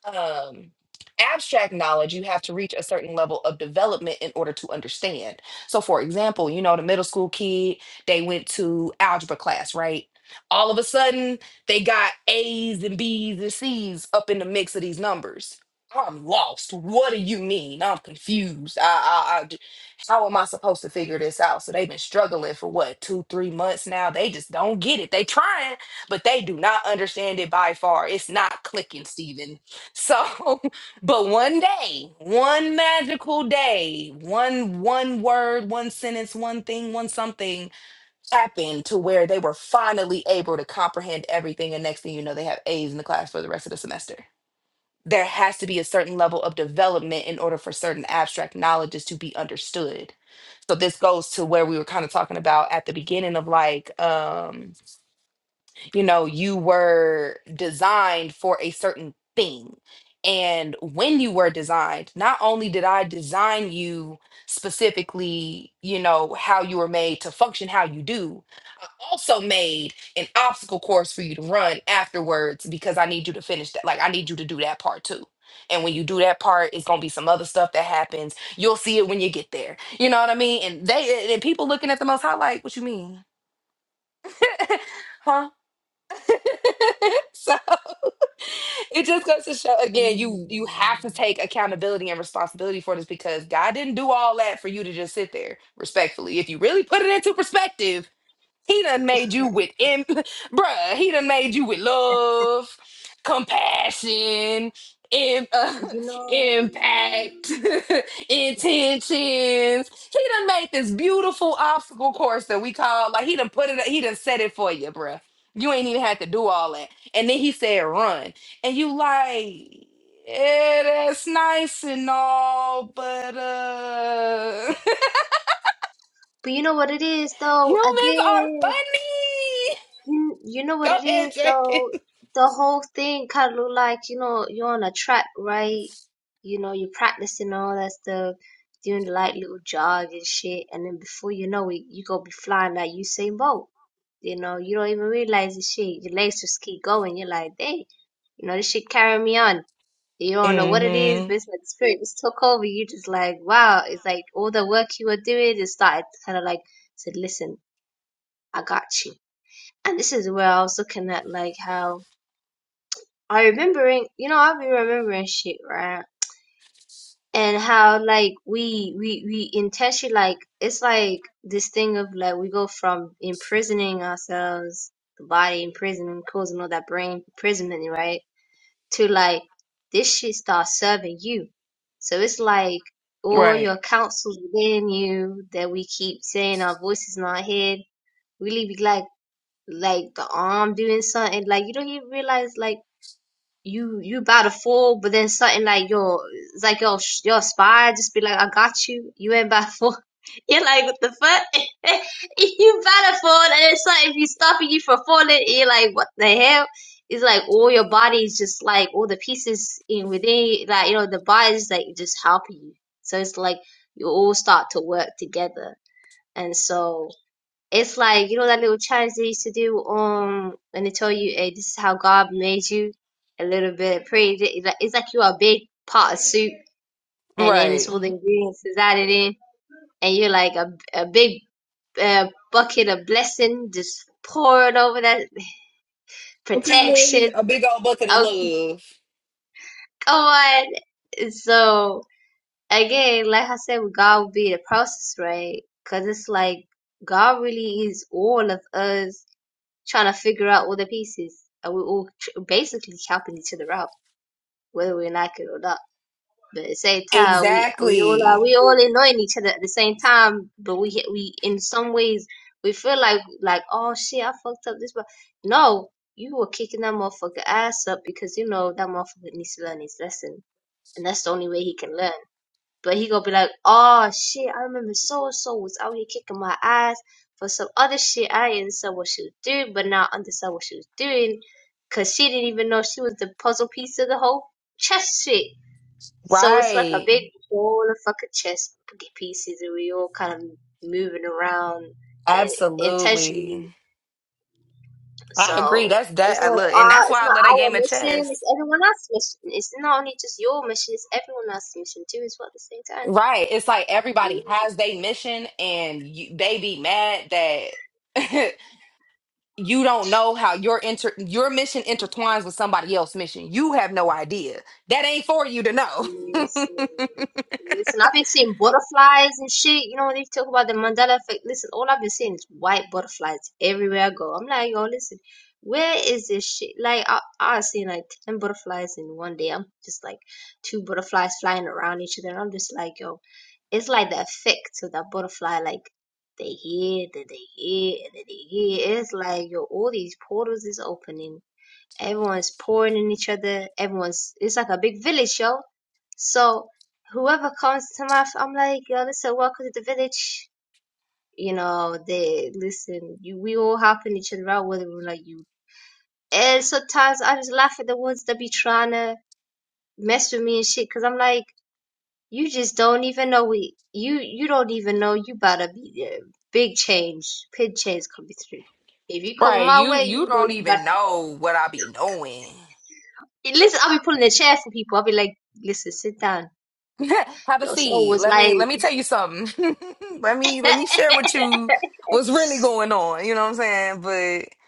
B: um, abstract knowledge, you have to reach a certain level of development in order to understand. So, for example, you know, the middle school kid, they went to algebra class, right? All of a sudden, they got A's and B's and C's up in the mix of these numbers. I'm lost. What do you mean? I'm confused. I, I, I j- how am I supposed to figure this out? So they've been struggling for what two, three months now. They just don't get it. They trying, but they do not understand it by far. It's not clicking, Steven so, <laughs> but one day, one magical day, one one word, one sentence, one thing, one something happened to where they were finally able to comprehend everything. And next thing you know, they have A's in the class for the rest of the semester. There has to be a certain level of development in order for certain abstract knowledges to be understood. So this goes to where we were kind of talking about at the beginning of like um, you know you were designed for a certain thing and when you were designed not only did i design you specifically you know how you were made to function how you do i also made an obstacle course for you to run afterwards because i need you to finish that like i need you to do that part too and when you do that part it's going to be some other stuff that happens you'll see it when you get there you know what i mean and they and people looking at the most high like what you mean <laughs> huh <laughs> so it just goes to show again, you
F: Mm.
B: you have to take accountability and responsibility for this because God didn't do all that for you to just sit there respectfully. If you really put it into perspective, he done made you with imp, bruh. He done made you with love, compassion, im- uh,
F: You
B: <laughs>
F: know,
B: impact, <laughs> intentions. He done made this beautiful obstacle course that we call like he done put it. He done set it for you, bruh. You ain't even had to do all that. And then he said, "Run," and you like. Yeah, that's nice and all, but uh
F: but you know what it is
B: <laughs>
F: though.
B: humans are
F: Again,
B: funny.
F: you you know what
B: Go
F: it is
B: ahead, Jay.
F: though. The whole thing kind of look like you know you're on a track, right? You know you're practicing all that stuff, doing the light little jog and shit, and then before you know it, you gonna be flying like Usain Bolt. You know, you don't even realize the shit. Your legs just keep going. You're like, dang, you know, this shit carrying me on. You don't know what it is,
B: hmm
F: but it's like the spirit just took over. You just like, wow. It's like all the work you were doing it started kind of like said, listen, I got you. And this is where I was looking at like how I remembering, you know, I've been remembering shit, right? and how like we we we intentionally like it's like this thing of like we go from imprisoning ourselves the body imprisoning causing all that brain imprisonment right to like this shit starts serving you so it's like all
B: Right.
F: your counsels within you that we keep saying our voices in our head really be like like the arm doing something like you don't even realize like you you about to fall, but then something like your it's like your sh- your spy just be like, I got you. You ain't about to fall. <laughs> You're like, what the fuck? <laughs> you about to fall, and it's like if you stopping you from falling, And you're like, what the hell? It's like all your body is just like all the pieces in within, you, like you know, the body is like just helping you. So it's like you all start to work together, and so. It's like, you know, that little challenge they used to do, um, when they tell you, hey, this is how God made you, a little bit of praise. It- It's like, it's like you're a big pot of soup, and then it's
B: Right.
F: all the ingredients is added in, and you're like a, a big uh, bucket of blessing just poured over that
B: Okay,
F: protection.
B: a big old bucket of
F: Oh,
B: love.
F: come on. So, again, like I said, with God will be the process, right? Because it's like, God really is all of us trying to figure out all the pieces, and we're all tr- basically helping each other out, whether we like it or not. But at the same time, we we all are
B: Exactly.
F: we all annoying each other at the same time. But we we in some ways we feel like like oh shit, I fucked up this. But no, you were kicking that motherfucker ass up because you know that motherfucker needs to learn his lesson, and that's the only way he can learn. But he gonna be like, oh shit, I remember so and so was out here kicking my ass for some other shit. I didn't understand what she was doing, but now I understand what she was doing because she didn't even know she was the puzzle piece of the whole chess shit. So it's like a
B: Right.
F: big ball of fucking chess pieces, and we all kind of moving around in- intentionally.
B: Absolutely. I agree.
F: So
B: That's
F: it's
B: that. I
F: not
B: look, and
F: our,
B: that's
F: it's
B: why I love
F: not
B: that
F: our
B: game of
F: mission. It's
B: chess.
F: everyone else's mission. It's not only just your mission. It's everyone else's mission too, as well at the same time.
B: Right. It's like everybody has their mission, and you, they be mad that <laughs> you don't know how your inter your mission intertwines with somebody else's mission. You have no idea. That ain't for you to
F: Yes,
B: know. <laughs>
F: yes. Listen, I've been seeing butterflies and shit. You know, when they talk about the Mandela effect, listen, all I've been seeing is white butterflies everywhere I go. I'm like, yo, listen, where is this shit? Like, I, I've seen like 10 butterflies in one day. I'm just like two butterflies flying around each other. And I'm just like, yo, it's like the effect of that butterfly, like, they here, then they here, and then they here. It's like, yo, all these portals is opening. Everyone's pouring in each other. Everyone's, it's like a big village, yo so whoever comes to my, f- I'm like, yo, listen, welcome to the village. You know, they listen. You, we all helping each other out, whether we like you. And sometimes I just laugh at the ones that be trying to mess with me and shit, cause I'm like, you just don't even know we, you you don't even know you better be uh, big change, big change coming through. If you coming
B: Right,
F: my
B: you
F: way,
B: you
F: you know
B: don't
F: you better.
B: even know what I be knowing.
F: Listen, I'll be pulling a chair for people. I'll be like, listen, sit down.
B: <laughs> Have a
F: Yo, so it
B: seat.
F: was
B: Let me let
F: like.
B: me tell you something. <laughs> let me let me share with you what's
F: <laughs>
B: really going on. You know what I'm saying? But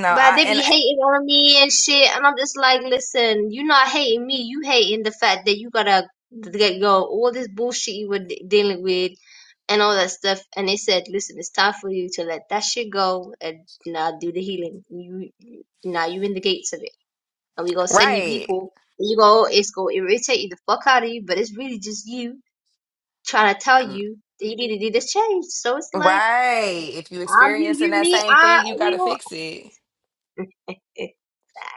B: no,
F: But
B: I
F: they
B: and
F: be
B: I-
F: hating on me and shit, and I'm just like, listen, you not hating me, you hating the fact that you gotta let go of all this bullshit you were de- dealing with and all that stuff. And they said, listen, it's time for you to let that shit go and now do the healing. You now you in the gates of it, and we gonna send you
B: right,
F: people. You go, it's gonna irritate you the fuck out of you, but it's really just you trying to tell
B: Um,
F: you that you need to do this change. So it's like,
B: right. If you
F: I'm you,
B: experiencing
F: you,
B: that
F: me,
B: same
F: I,
B: thing, you
F: we
B: gotta
F: all.
B: fix it.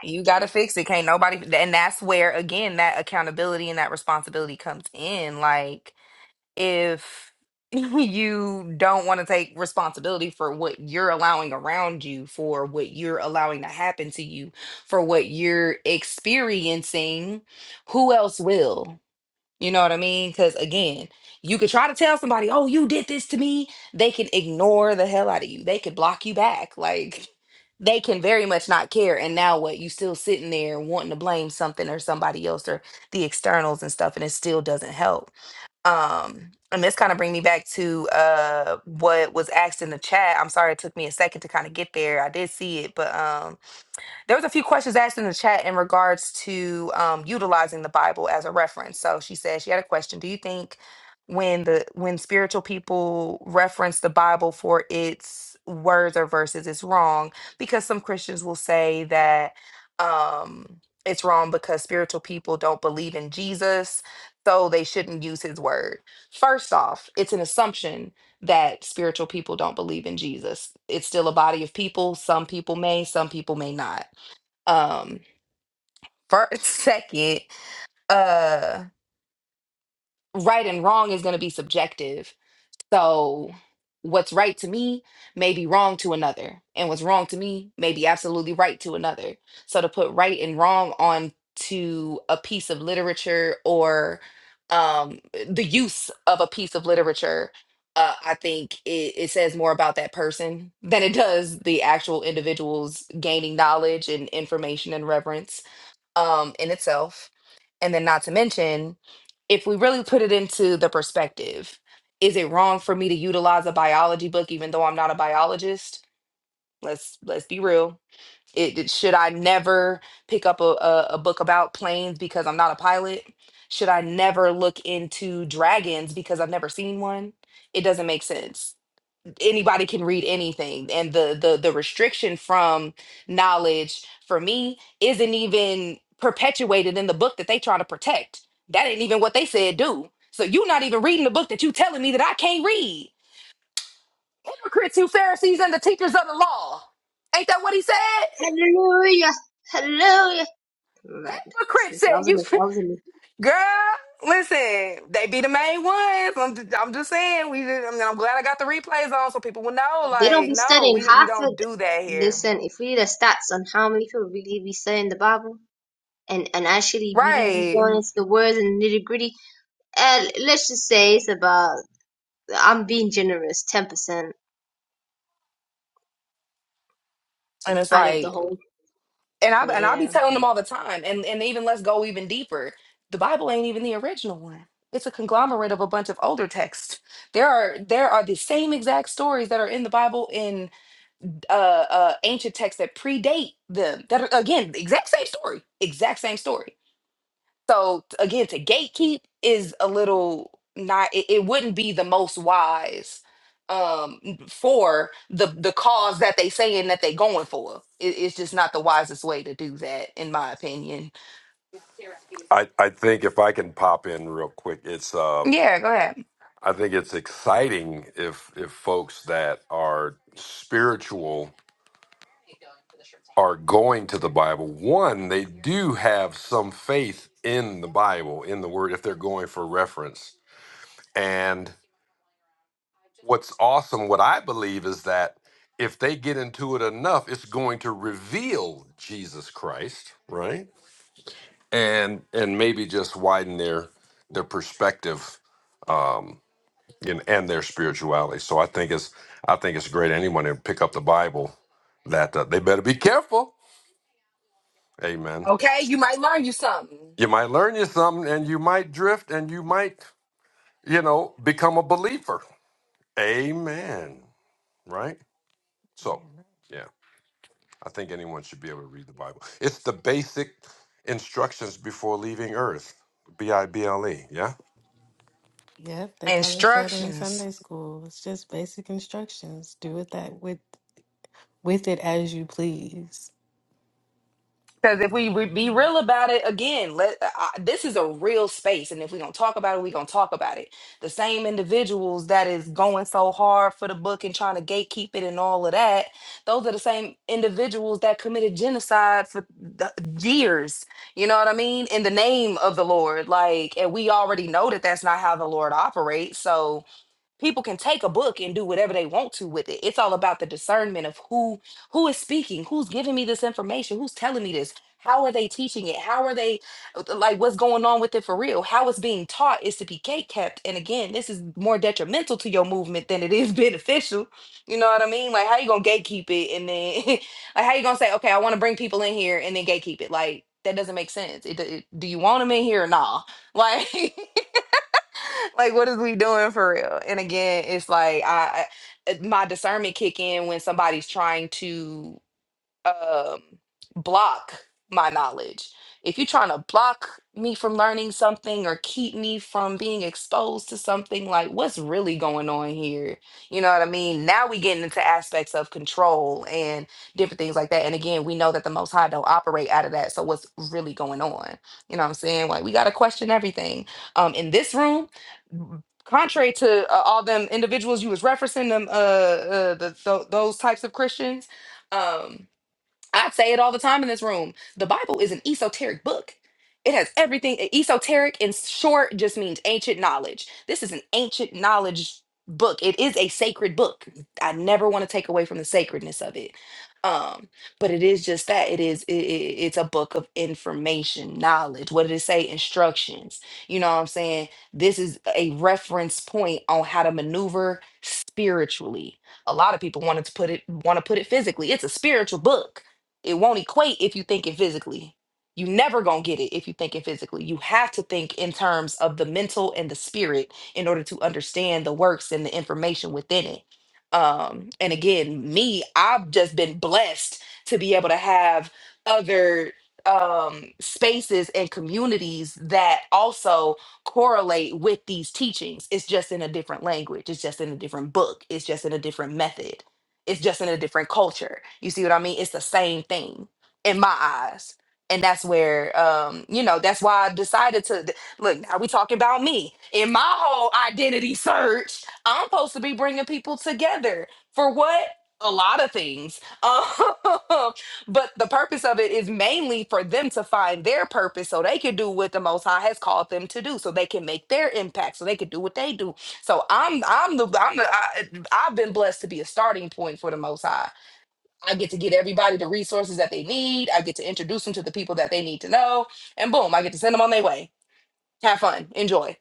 B: You gotta fix it. Can't nobody. And that's where again that accountability and that responsibility comes in. Like if <laughs> you don't want to take responsibility for what you're allowing around you, for what you're allowing to happen to you, for what you're experiencing, who else will? You know what I mean? Because again, you could try to tell somebody, oh, you did this to me. They can ignore the hell out of you, they could block you back. Like, <laughs> they can very much not care. And now what? You still sitting there wanting to blame something or somebody else or the externals and stuff, and it still doesn't help um and this kind of bring me back to uh what was asked in the chat i'm sorry it took me a second to kind of get there i did see it but um there was a few questions asked in the chat in regards to um, utilizing the Bible as a reference. So she said she had a question. Do you think when the when spiritual people reference the Bible for its words or verses, it's wrong? Because some Christians will say that um, it's wrong because spiritual people don't believe in Jesus, so they shouldn't use His word. First off, it's an assumption that spiritual people don't believe in Jesus. It's still a body of people. Some people may, some people may not um first <laughs> second uh right and wrong is going to be subjective so what's right to me may be wrong to another and what's wrong to me may be absolutely right to another so to put right and wrong on to a piece of literature or um the use of a piece of literature uh, I think it, it says more about that person than it does the actual individuals gaining knowledge and information and reverence um, in itself. And then, not to mention, if we really put it into the perspective, is it wrong for me to utilize a biology book even though I'm not a biologist? Let's let's be real. It, it- should I never pick up a, a, a book about planes because I'm not a pilot? Should I never look into dragons because I've never seen one? It doesn't make sense anybody can read anything and the the the restriction from knowledge for me isn't even perpetuated in the book that they try to protect that ain't even what they said do so you are not even reading the book that you telling me that i can't read hypocrites you pharisees and the teachers of the law ain't that what he said
F: Hallelujah. Hallelujah. Right. It's
B: hypocrite
F: this, I
B: said
F: was in
B: you
F: this,
B: <laughs>
F: I was in this.
B: girl listen they be the main ones i'm, ju- I'm just saying we did- I mean, i'm glad i got the replays on so people will know
F: They don't
B: like
F: be
B: no
F: studying
B: we, we
F: half of
B: don't
F: the,
B: do that here
F: listen, if we the stats on how many people really be studying the Bible and, and actually really be
B: right
F: going into the words and nitty gritty, uh, let's just say it's about, I'm being generous, 10%
B: And it's
F: out of the
B: like,
F: whole.
B: and I and I be
F: Yeah.
B: telling them all the time, and and even let's go even deeper. The Bible ain't even the original one. It's a conglomerate of a bunch of older texts. There are there are the same exact stories that are in the Bible in uh, uh ancient texts that predate them. That are again the exact same story, exact same story. So t- again, to gatekeep is a little not. It, it wouldn't be the most wise um n- for the the cause that they saying that they going for. It, it's just not the wisest way to do that, in my opinion.
C: I, I think if I can pop in real quick, it's um,
B: Yeah, go ahead.
C: I think it's exciting if if folks that are spiritual are going to the Bible. One, they do have some faith in the Bible, in the Word, if they're going for reference. And what's awesome, what I believe is that if they get into it enough, it's going to reveal Jesus Christ, right? And and maybe just widen their their perspective Um, and, and their spirituality. So I think it's I think it's great anyone to pick up the Bible that uh, they better be careful. Amen.
B: Okay, you might learn you something.
C: You might learn you something and you might drift and you might, you know, become a believer. Amen. Right? So, yeah, I think anyone should be able to read the Bible. It's the basic instructions before leaving earth. B I B L E. Yeah?
A: Yep, they taught us that in
B: Instructions.
A: Sunday school. It's just basic instructions. Do with that with with it as you please.
B: Because if we re- be real about it, again, let uh, I, this is a real space, and if we're gonna talk about it, we're gonna talk about it. The same individuals that is going so hard for the book and trying to gatekeep it and all of that, those are the same individuals that committed genocide for the years. You know what I mean? In the name of the Lord, like, and we already know that that's not how the Lord operates. So, people can take a book and do whatever they want to with it it's all about the discernment of who who is speaking who's giving me this information who's telling me this how are they teaching it how are they like what's going on with it for real how it's being taught is to be gate kept and again this is more detrimental to your movement than it is <laughs> beneficial you know what i mean like how you gonna gatekeep it and then <laughs> like how you gonna say okay i want to bring people in here and then gatekeep it like that doesn't make sense it, do it, do you want them in here or nah <laughs> like <laughs> like what is we doing for real and again it's like i I- my discernment kick in when somebody's trying to um block my knowledge if you're trying to block me from learning something or keep me from being exposed to something like what's really going on here you know what i mean now we getting into aspects of control and different things like that and again we know that the most high don't operate out of that so what's really going on you know what i'm saying like we got to question everything um in this room contrary to uh, all them individuals you was referencing them uh, uh the, tho- those types of christians um I say it all the time in this room. The Bible is an esoteric book. It has everything. e- Esoteric, in short, just means ancient knowledge. This is an ancient knowledge book. It is a sacred book. I never want to take away from the sacredness of it. Um, but it is just that it is. It, it- it's a book of information, knowledge. What did it say? Instructions. You know what I'm saying? This is a reference point on how to maneuver spiritually. A lot of people wanted to put it want to put it physically. It's a spiritual book it won't equate if you think it physically. You never gonna get it if you think it physically. You have to think in terms of the mental and the spirit in order to understand the works and the information within it. Um, and again, me, I've just been blessed to be able to have other um spaces and communities that also correlate with these teachings. It's just in a different language, it's just in a different book, it's just in a different method it's just in a different culture. You see what I mean? It's the same thing in my eyes. And that's where, um, you know, that's why I decided to th- look. Now we talking about me in my whole identity search. I'm supposed to be bringing people together for what? A lot of things. Um, <laughs> but the purpose of it is mainly for them to find their purpose so they can do what the most high has called them to do so they can make their impact so they can do what they do so i'm i'm the i'm the i am the I've been blessed to be a starting point for the Most High. I get to get everybody the resources that they need. I get to introduce them to the people that they need to know, and boom, I get to send them on their way. Have fun, enjoy.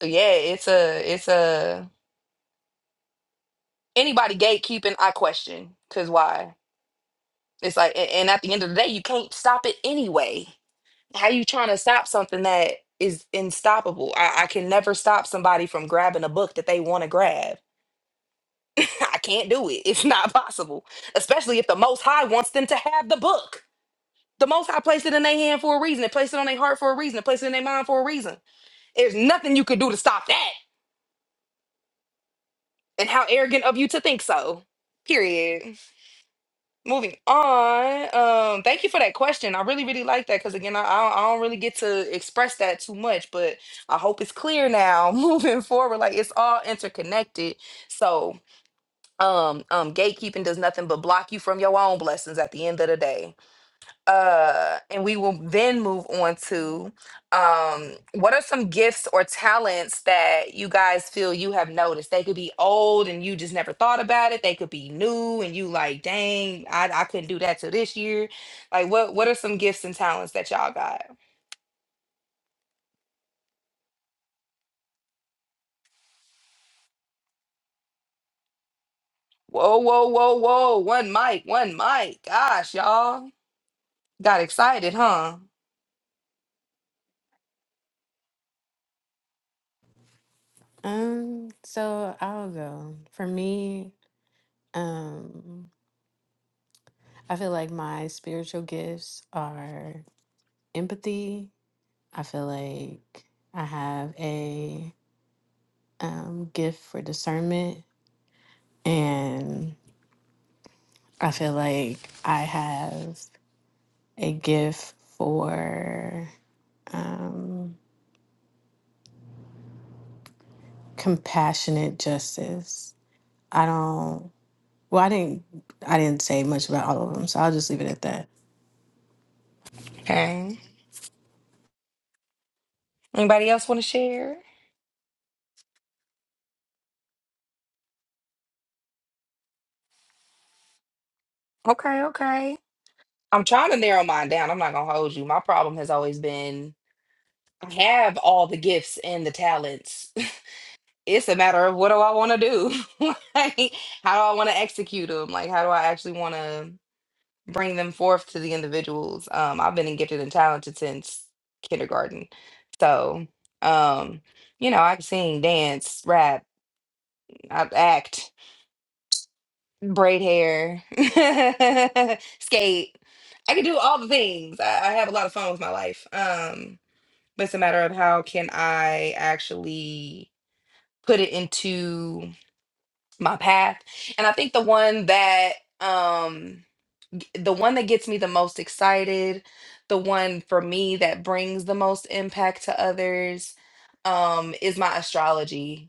B: So yeah, it's a it's a anybody gatekeeping. I question because why? It's like, a- and at the end of the day, you can't stop it anyway. How you trying to stop something that is unstoppable? I, I can never stop somebody from grabbing a book that they want to grab. <laughs> I can't do it. It's not possible, especially if the Most High wants them to have the book. The Most High placed it in their hand for a reason. It placed it on their heart for a reason. It placed it in their mind for a reason. There's nothing you could do to stop that. And how arrogant of you to think so. Period. Moving on. Um, thank you for that question. I really, really like that because again, I, I don't I don't really get to express that too much, but I hope it's clear now. <laughs> Moving forward, like it's all interconnected. So, um, um, gatekeeping does nothing but block you from your own blessings at the end of the day. uh and we will then move on to um what are some gifts or talents that you guys feel you have noticed they could be old and you just never thought about it they could be new and you like dang i, I couldn't do that till this year like what what are some gifts and talents that y'all got whoa whoa whoa whoa one mic one mic gosh y'all got excited huh
A: Um, so I'll go. For me, um I feel like my spiritual gifts are empathy. I feel like I have a um, gift for discernment. And I feel like I have a gift for um, compassionate justice. I don't, well, I didn't, I didn't say much about all of them, so I'll just leave it at that.
B: okay anybody else want to share okay okay I'm trying to narrow mine down. I'm not gonna hold you. My problem has always been I have all the gifts and the talents. <laughs> It's a matter of what do I want to do? <laughs> like, how do I want to execute them? Like, how do I actually want to bring them forth to the individuals? Um, I've been in gifted and talented since kindergarten, so um, you know, I've seen dance, rap, i act. braid hair, <laughs> skate. I can do all the things. I, I have a lot of fun with my life. Um, but it's a matter of how can I actually put it into my path. And I think the one that um g- the one that gets me the most excited, the one for me that brings the most impact to others um is my astrology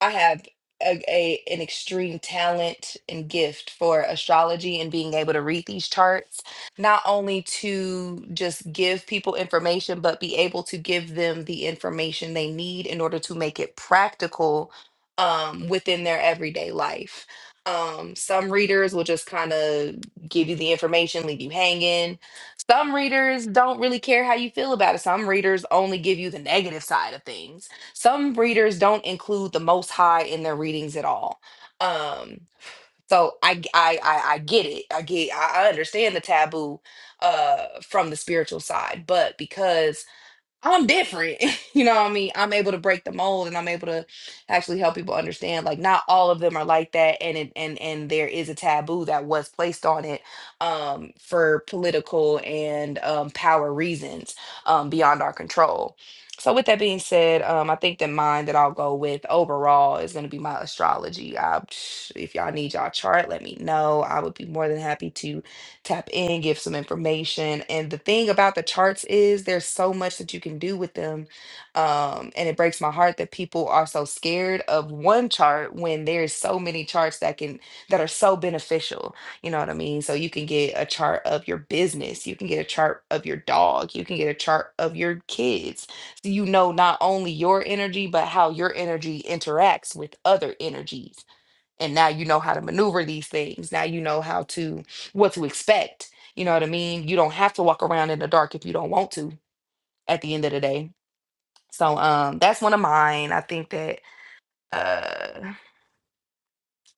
B: I have a, a an extreme talent and gift for astrology and being able to read these charts, not only to just give people information, but be able to give them the information they need in order to make it practical um, within their everyday life. Um, some readers will just kind of give you the information, leave you hanging. Some readers don't really care how you feel about it. Some readers only give you the negative side of things some readers don't include the Most High in their readings at all. Um, so I, g- I I- I get it. I get I I understand the taboo uh from the spiritual side, but because I'm different. <laughs> you know what I mean? I'm able to break the mold and I'm able to actually help people understand like not all of them are like that and it, and and there is a taboo that was placed on it um for political and um power reasons um beyond our control. So with that being said, um I think that mine that I'll go with overall is going to be my astrology. I, <sniffs> if y'all need y'all chart, let me know. I would be more than happy to tap in, give some information. And the thing about the charts is there's so much that you can do with them. Um, and it breaks my heart that people are so scared of one chart when there's so many charts that can that are so beneficial. You know what I mean? So you can get a chart of your business, you can get a chart of your dog, you can get a chart of your kids. So you know not only your energy, but how your energy interacts with other energies and now you know how to maneuver these things now you know how to what to expect you know what i mean you don't have to walk around in the dark if you don't want to at the end of the day so um that's one of mine i think that uh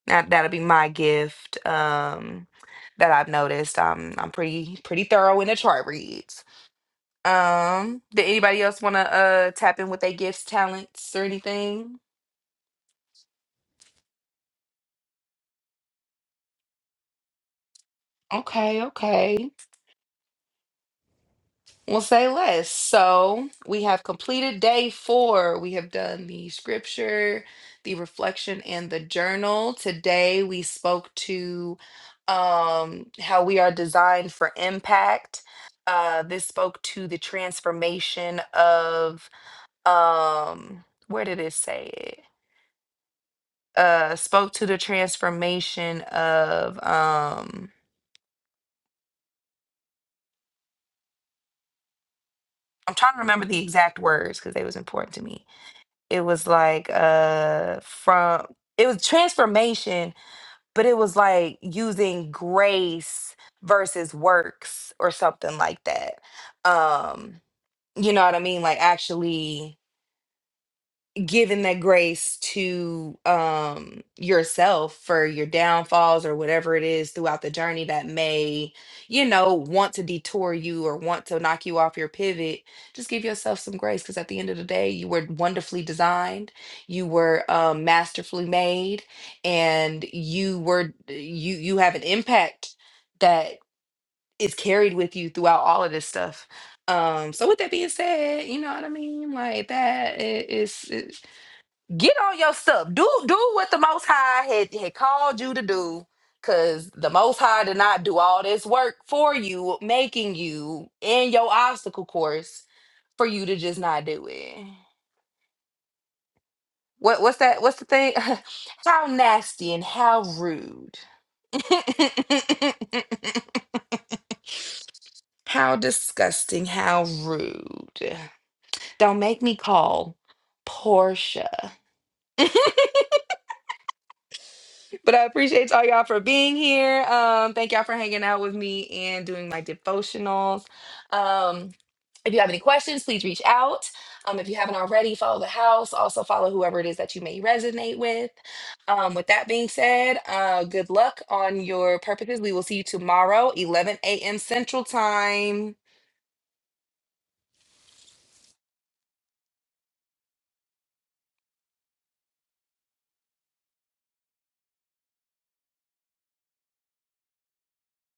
B: that that'll be my gift um that i've noticed Um, i'm pretty pretty thorough in the chart reads um did anybody else want to uh tap in with their gifts talents or anything okay okay We'll say less. So we have completed day four. We have done the scripture, the reflection, and the journal. Today we spoke to um, how we are designed for impact. Uh, this spoke to the transformation of um, where did it say it? Uh, spoke to the transformation of um, I'm trying to remember the exact words because they was important to me it was like uh from it was transformation but it was like using grace versus works or something like that um you know what i mean like actually giving that grace to um yourself for your downfalls or whatever it is throughout the journey that may you know want to detour you or want to knock you off your pivot just give yourself some grace because at the end of the day you were wonderfully designed you were um, masterfully made and you were eh, you you have an impact that is carried with you throughout all of this stuff um so with that being said you know what i mean like that i- is. it, get on your stuff. Do do what the Most High had had called you to do, because the Most High did not do all this work for you, making you in your obstacle course for you to just not do it. What what's that? What's the thing? <laughs> how nasty and how rude. <laughs> how disgusting, how rude. Don't make me call Portia. But I appreciate all y'all for being here. Um, thank y'all for hanging out with me and doing my devotionals. Um, if you have any questions, please reach out. Um, if you haven't already, follow the house. Also, follow whoever it is that you may resonate with. Um, with that being said, uh, good luck on your purposes. We will see you tomorrow, 11 a.m. Central Time.